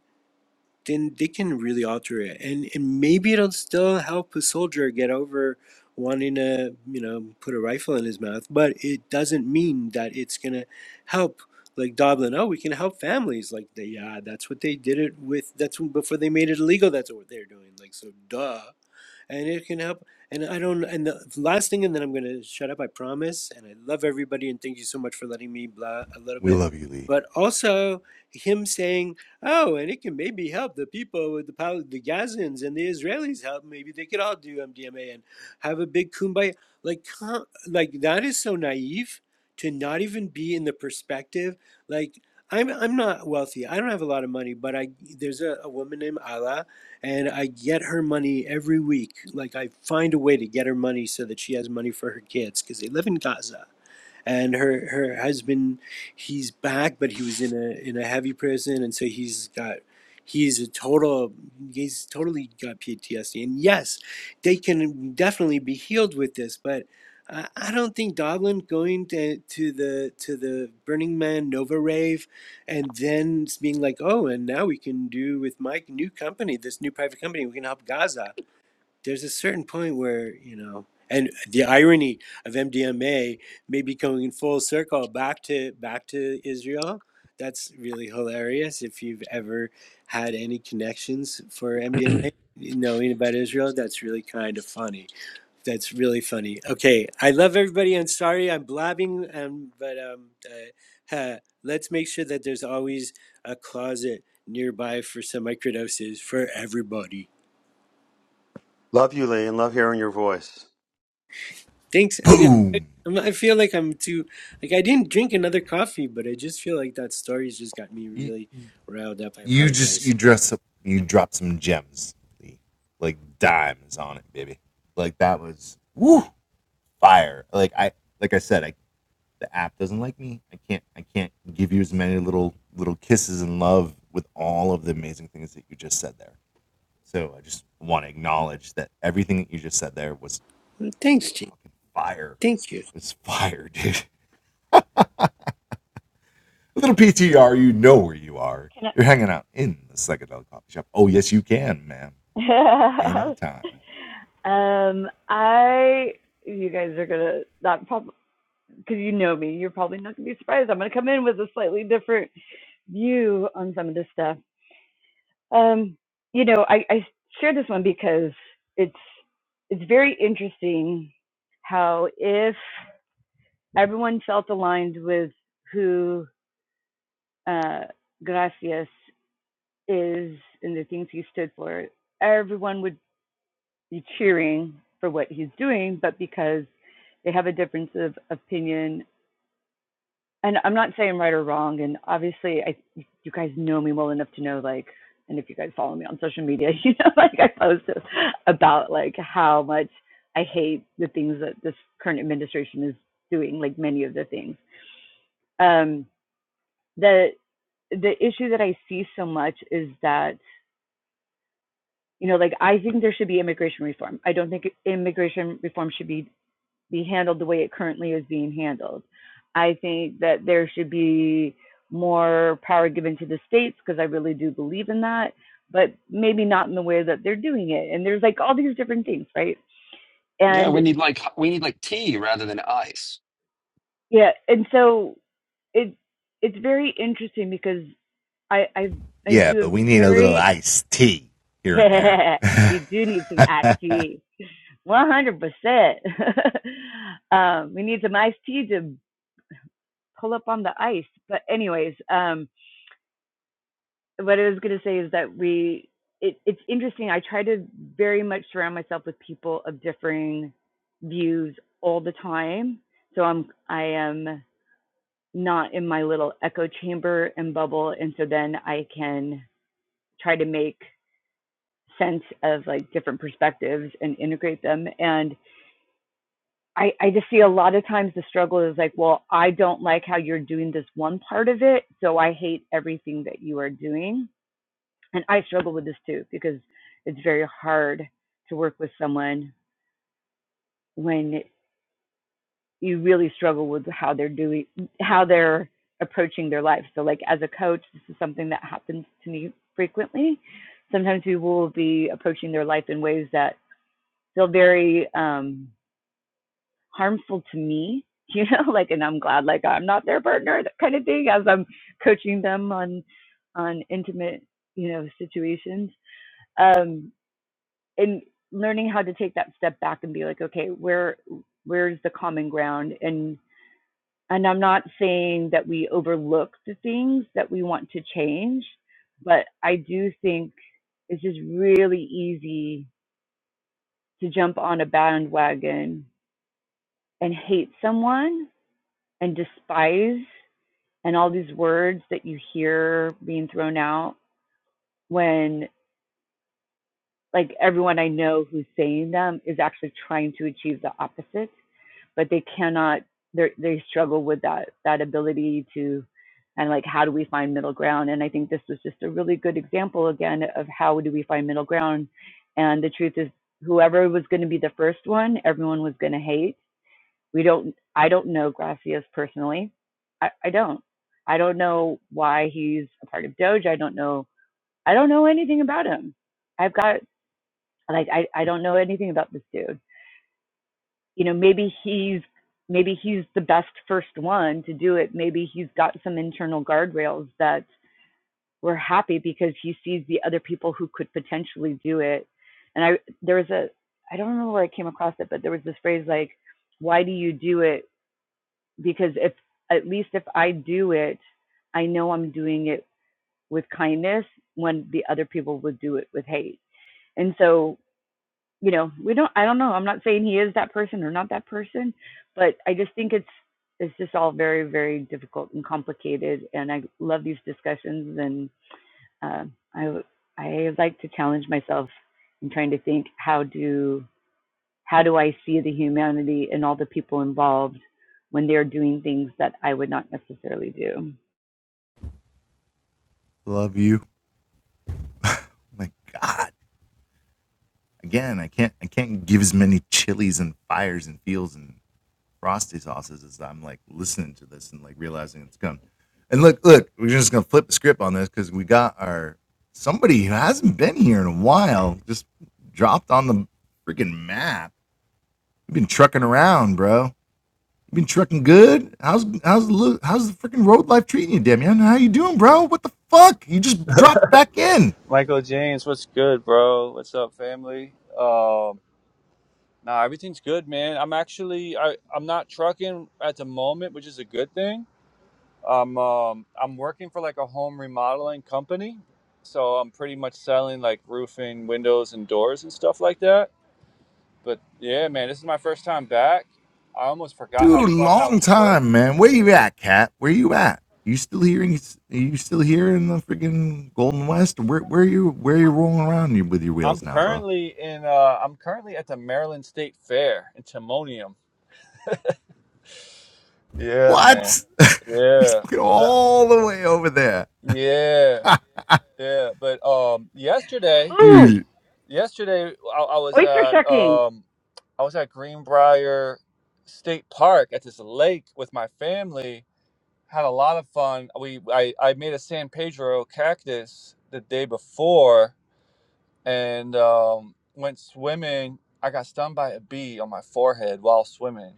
then they can really alter it, and and maybe it'll still help a soldier get over wanting to you know put a rifle in his mouth, but it doesn't mean that it's gonna help. Like Dublin, oh, we can help families. Like, they, yeah, that's what they did it with. That's when- before they made it illegal. That's what they're doing. Like, so, duh and it can help. And I don't. And the last thing, and then I'm gonna shut up. I promise. And I love everybody, and thank you so much for letting me blah a little bit. But also him saying, "Oh, and it can maybe help the people with the Pal- the Gazans and the Israelis help. Maybe they could all do MDMA and have a big kumbaya." Like, huh, like that is so naive to not even be in the perspective. Like, I'm I'm not wealthy. I don't have a lot of money, but I there's a, a woman named Ala and I get her money every week. Like I find a way to get her money so that she has money for her kids because they live in Gaza and her her husband he's back but he was in a in a heavy prison and so he's got he's a total he's totally got ptsd and yes they can definitely be healed with this but i, I don't think Doglin going to, to the to the burning man nova rave and then being like oh and now we can do with my new company this new private company we can help gaza there's a certain point where you know and the irony of mdma maybe coming full circle back to back to israel that's really hilarious if you've ever had any connections for mdma knowing about israel that's really kind of funny that's really funny okay i love everybody I'm sorry i'm blabbing um, but um, uh, uh, let's make sure that there's always a closet nearby for some microdoses for everybody Love you, Lee, and love hearing your voice. Thanks. And you know, I'm- I feel like I'm too like I didn't drink another coffee, but I just feel like that story's just got me really riled up. I apologize. Well, Thanks, Jane. Thank you. can I, um I you guys are gonna not prob because you know me, you're probably not gonna be surprised. I'm gonna come in with a slightly different view on some of this stuff. Um, you know, I, I share this one because it's it's very interesting how if everyone felt aligned with who uh, Gracias is and the things he stood for, everyone would be cheering for what he's doing. But because they have a difference of opinion and I'm not saying right or wrong. And obviously, I you guys know me well enough to know like, and if you guys follow me on social media, you know like I post about like how much I hate the things that this current administration is doing, like many of the things. Um, the the issue that I see so much is that you know like I think there should be immigration reform. I don't think immigration reform should be be handled the way it currently is being handled. I think that there should be more power given to the states because I really do believe in that, but maybe not in the way that they're doing it. And there's like all these different things, right? yeah, And we need like we need like tea rather than ice. yeah, and so it it's very interesting because I I I do a very yeah you do need some iced tea, one hundred percent. Um, we need some iced tea to pull up on the ice. But anyways, um, what I was going to say is that we, it, it's interesting. I try to very much surround myself with people of differing views all the time. So I'm, I am not in my little echo chamber and bubble. And so then I can try to make sense of like different perspectives and integrate them. And I, I just see a lot of times the struggle is like, well, I don't like how you're doing this one part of it. So I hate everything that you are doing and I struggle with this too because it's very hard to work with someone when you really struggle with how they're doing how they're approaching their life. So like as a coach, this is something that happens to me frequently. Sometimes people will be approaching their life in ways that feel very um harmful to me, you know, like and I'm glad like I'm not their partner, that kind of thing as I'm coaching them on on intimate, you know, situations. Um and learning how to take that step back and be like okay where where's the common ground and and i'm not saying that we overlook the things that we want to change but i do think it's just really easy to jump on a bandwagon and hate someone and despise and all these words that you hear being thrown out when like everyone i know who's saying them is actually trying to achieve the opposite but they cannot they they struggle with that that ability to and like how do we find middle ground and i think this was just a really good example again of how do we find middle ground and the truth is whoever was going to be the first one everyone was going to hate we don't i don't know gracias personally I, I don't i don't know why he's a part of doge i don't know i don't know anything about him i've got like i, I don't know anything about this dude you know maybe he's maybe he's the best first one to do it maybe he's got some internal guardrails that we're happy because he sees the other people who could potentially do it and i there was a i don't remember where i came across it but there was this phrase like why do you do it because if at least if i do it i know i'm doing it with kindness when the other people would do it with hate and so you know, we don't I don't know. I'm not saying he is that person or not that person, but I just think it's it's just all very very difficult and complicated and I love these discussions and uh, I I like to challenge myself in trying to think how do how do I see the humanity and all the people involved when they're doing things that I would not necessarily do. Michael James, what's good, bro? What's up, family? Um, nah, everything's good, man. I'm actually I I'm not trucking at the moment, which is a good thing. I'm um I'm working for like a home remodeling company, so I'm pretty much selling like roofing, windows, and doors and stuff like that. But yeah, man, this is my first time back. I almost forgot how Clubhouse worked. I'm currently in uh I'm currently at the Maryland State Fair in Timonium. Yeah, man. Yeah. The Yeah, yeah. But um, yesterday, Ooh, yesterday I, I was oyster at shucking. um, I was at Greenbrier State Park at this lake with my family. Had a lot of fun. We I I made a San Pedro cactus the day before and um, went swimming. I got stung by a bee on my forehead while swimming.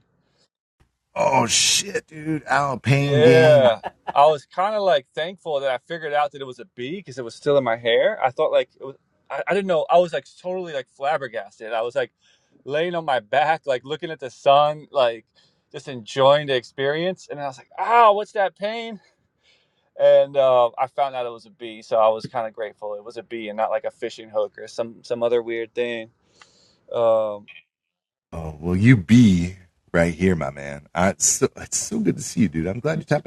Yeah. I was kind of like thankful that I figured out that it was a bee because it was still in my hair. I thought like it was, I, I didn't know. I was like totally like flabbergasted. I was like laying on my back, like looking at the sun, like just enjoying the experience. And I was like, "Ah, what's that pain?" And uh, I found out it was a bee, so I was kind of grateful it was a bee and not like a fishing hook or some some other weird thing. Um, you too.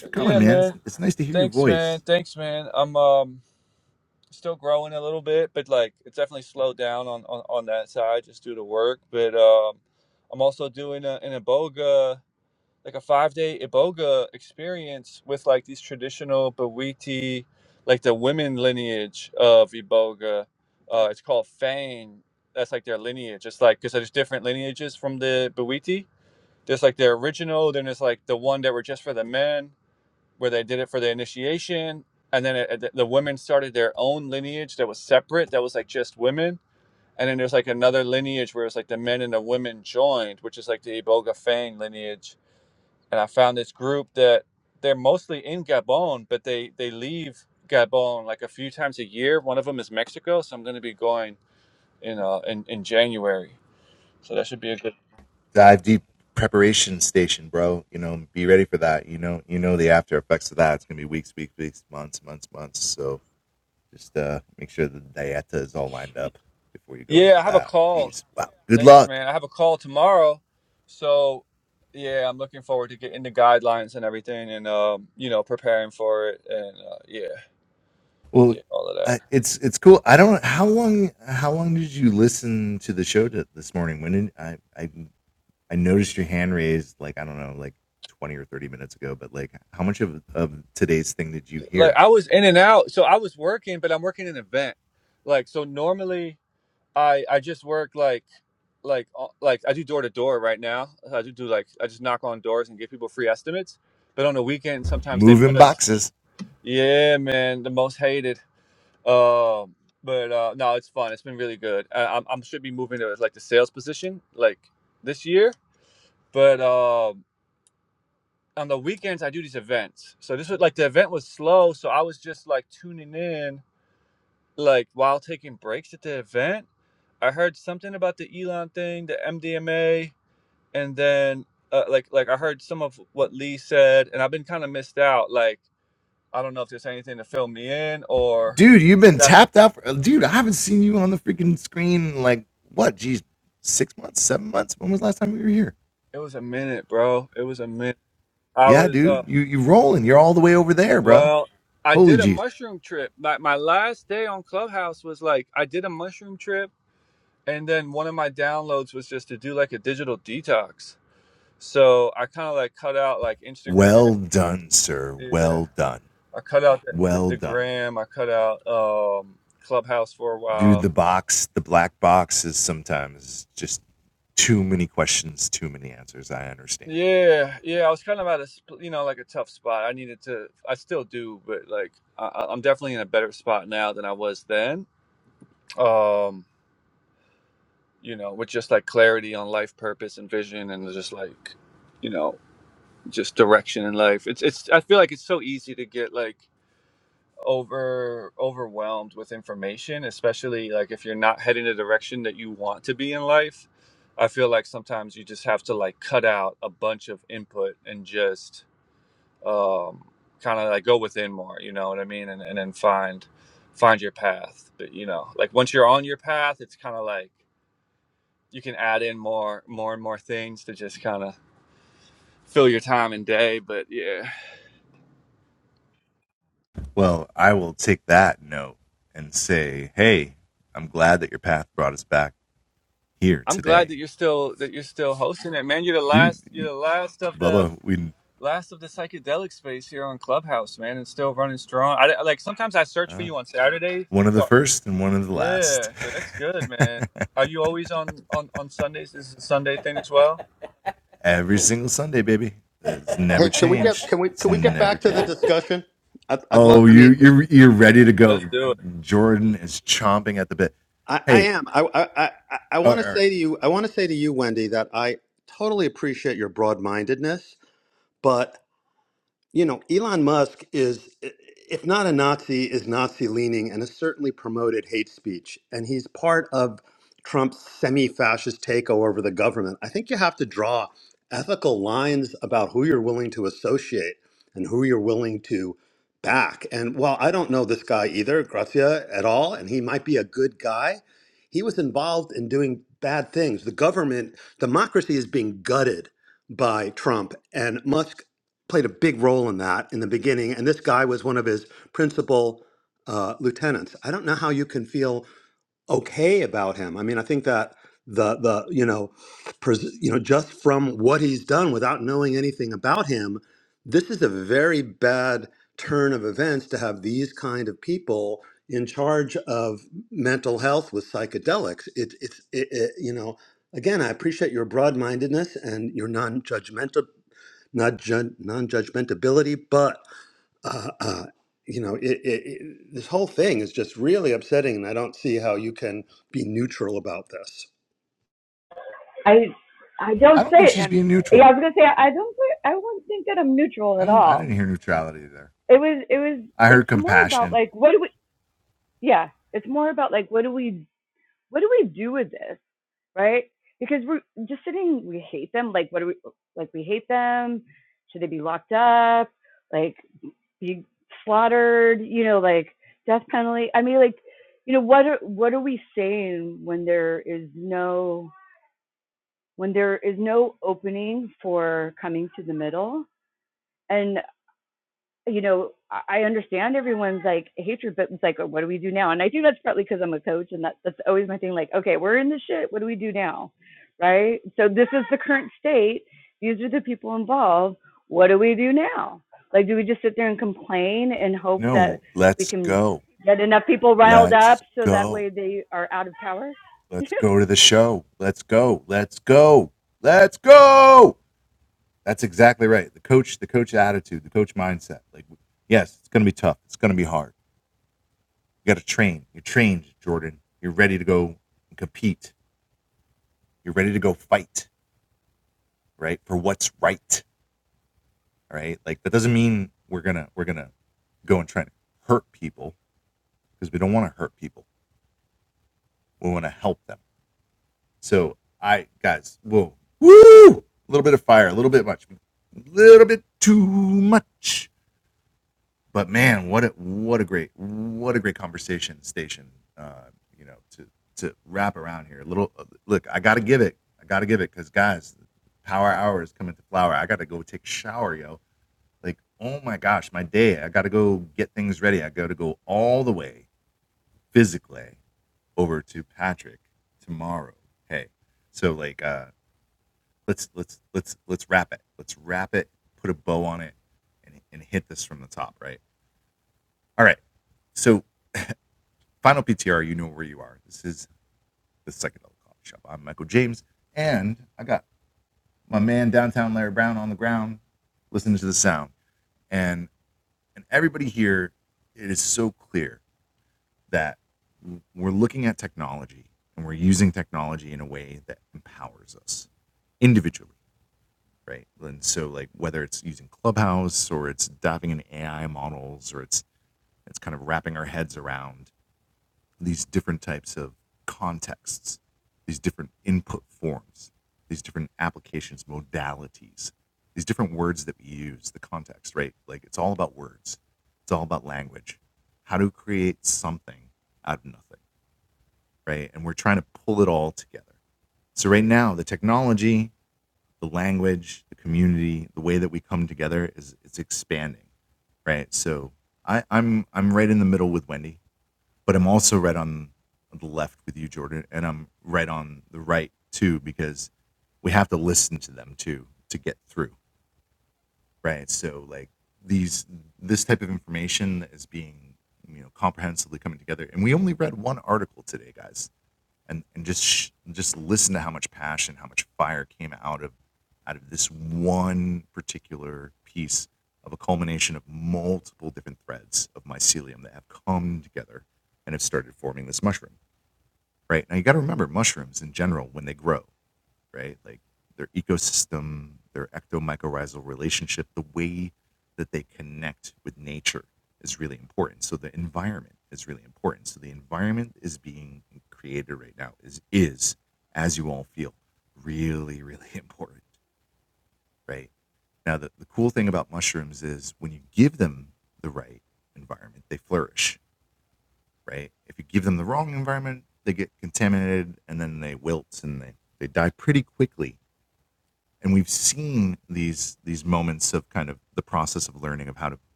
But yeah, man. Thanks, man. Thanks, man. I'm um. still growing a little bit, but like it's definitely slowed down on, on, on that side just due to work. But um, I'm also doing a, an iboga, like a five day iboga experience with like these traditional Bawiti, like the women lineage of iboga. Uh, it's called Fang. That's like their lineage. It's like because there's different lineages from the Bawiti. There's like their original, then there's like the one that were just for the men where they did it for the initiation, and then it, the women started their own lineage that was separate, that was like just women. And then there's like another lineage where it's like the men and the women joined, which is like the Iboga Fang lineage. And I found this group that they're mostly in Gabon, but they they leave Gabon like a few times a year. One of them is Mexico, so I'm going to be going in uh in, in January. So that should be a good. Yeah, I have a call. Thanks, man. I have a call tomorrow, so yeah, I'm looking forward to getting the guidelines and everything, and um, you know, preparing for it, and uh, yeah, yeah, all of that. Like I was in and out, so I was working, but I'm working an event. Like so, normally I I just work like like uh, like I do door to door right now. I do do like I just knock on doors and give people free estimates. But on the weekend, sometimes they put us. Yeah, man, the most hated. Um, but uh, no, it's fun. It's been really good. I, I'm, I'm should be moving to like the sales position like this year. But um, on the weekends I do these events. So this was like the event was slow, so I was just like tuning in like while taking breaks at the event. I heard something about the Elon thing, the MDMA, and then uh, like like I heard some of what Lee said, and I've been kind of missed out. Like I don't know if there's anything to fill me in or that. It was a minute, bro. It was a minute. I was uh well, I did a mushroom trip. Like my last day on Clubhouse was like I did a mushroom trip and then one of my downloads was just to do like a digital detox. So I kind of like cut out like Instagram. Yeah. I cut out the, the, the gram. I cut out um Clubhouse for a while. Yeah, yeah. I was kind of at a sp- you know like a tough spot. I needed to. I still do, but like I, I- I'm definitely in a better spot now than I was then. Um, you know, with just like clarity on life purpose and vision and just like, you know, just direction in life. It's it's I feel like it's so easy to get like over overwhelmed with information, especially like if you're not heading the direction that you want to be in life. I feel like sometimes you just have to like cut out a bunch of input and just um kind of like go within more, you know what I mean? And and then find find your path. But you know, like once you're on your path, it's kind of like you can add in more more and more things to just kind of fill your time and day but yeah i'm glad that you're still that you're still hosting it man you're the last you're the last of the last of the psychedelic space here on clubhouse man and still running strong i like sometimes i search for you on saturdays so yeah so that's good man are you always on on on sundays this is this a sunday thing as well Hey, can we get can we can we get back to the discussion? I'd, I'd love. I mean, it's, let's do it I, I am. I I I, I want to say to you. I want to say to you, Wendy, that I totally appreciate your broad mindedness, but You know, Elon Musk is, if not a Nazi, is Nazi leaning and has certainly promoted hate speech. And he's part of Trump's semi fascist takeover over the government. I think you have to draw ethical lines about who you're willing to associate and who you're willing to back. And while I don't know this guy either, Grazia, at all, and he might be a good guy, he was involved in doing bad things. The government, democracy is being gutted by Trump, and Musk played a big role in that in the beginning. And this guy was one of his principal uh, lieutenants. I don't know how you can feel okay about him. I mean, I think that the the you know, pres- you know, just from what he's done without knowing anything about him, this is a very bad turn of events to have these kind of people in charge of mental health with psychedelics. It, it's it, it, you know. Again, I appreciate your broad-mindedness and your non-judgmental not ju- non-judgmentability, but uh, uh, you know, it, it, it, this whole thing is just really upsetting, and I don't see how you can be neutral about this. I I don't say it. yeah, I was gonna say I don't I wouldn't think that I'm neutral at all. it was it was it's more about like what do we yeah it's more about like what do we what do we do with this right because we're just sitting we hate them like what do we like we hate them should they be locked up like be slaughtered you know like death penalty i mean like you know what are what are we saying when there is no when there is no opening for coming to the middle and. you know, I understand everyone's like hatred, but it's like, "Oh, what do we do now? And I think that's partly because I'm a coach, and that, that's always my thing. Like, okay, we're in the shit. What do we do now? Right. So this is the current state. These are the people involved. What do we do now? Like, do we just sit there and complain and hope that we can get enough people riled up so that way they are out of power?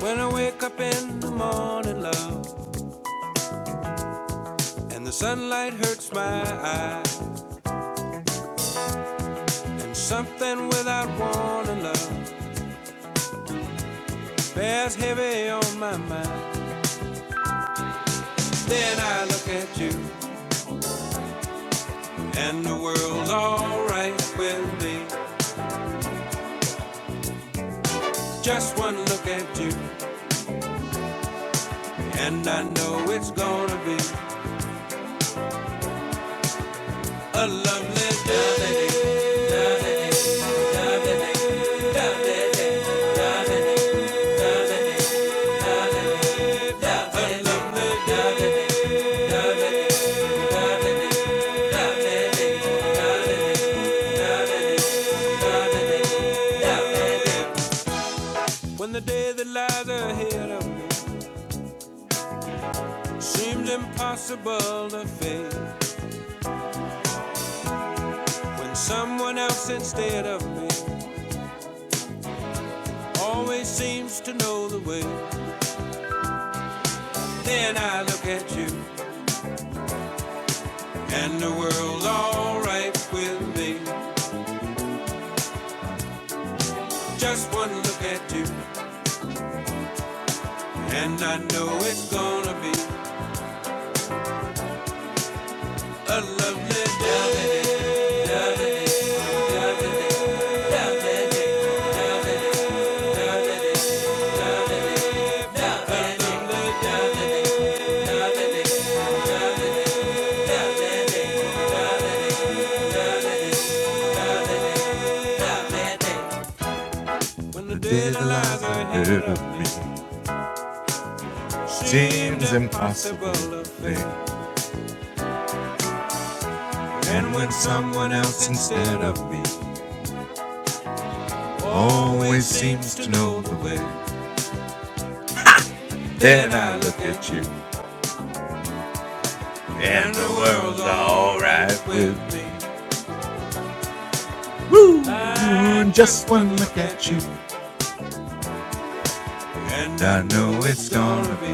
When I wake up in the morning, love, and the sunlight hurts my eyes, and something without warning, love, bears heavy on my mind. Then I look at you, and the world's alright with me. Just one look at you, and I know it's gonna be a lovely day. When the day that lies ahead of me Seems impossible to fail when someone else instead of me always seems to know the way. Then I look at you and the world's alright with me. Just one look at you and I know it's gonna be a lovely day. When the day that lies ahead me seems to And when someone else instead of me always seems to know the way. Then I look at you, and the world's alright with me. Woo! Just one look at you, and I know it's gonna be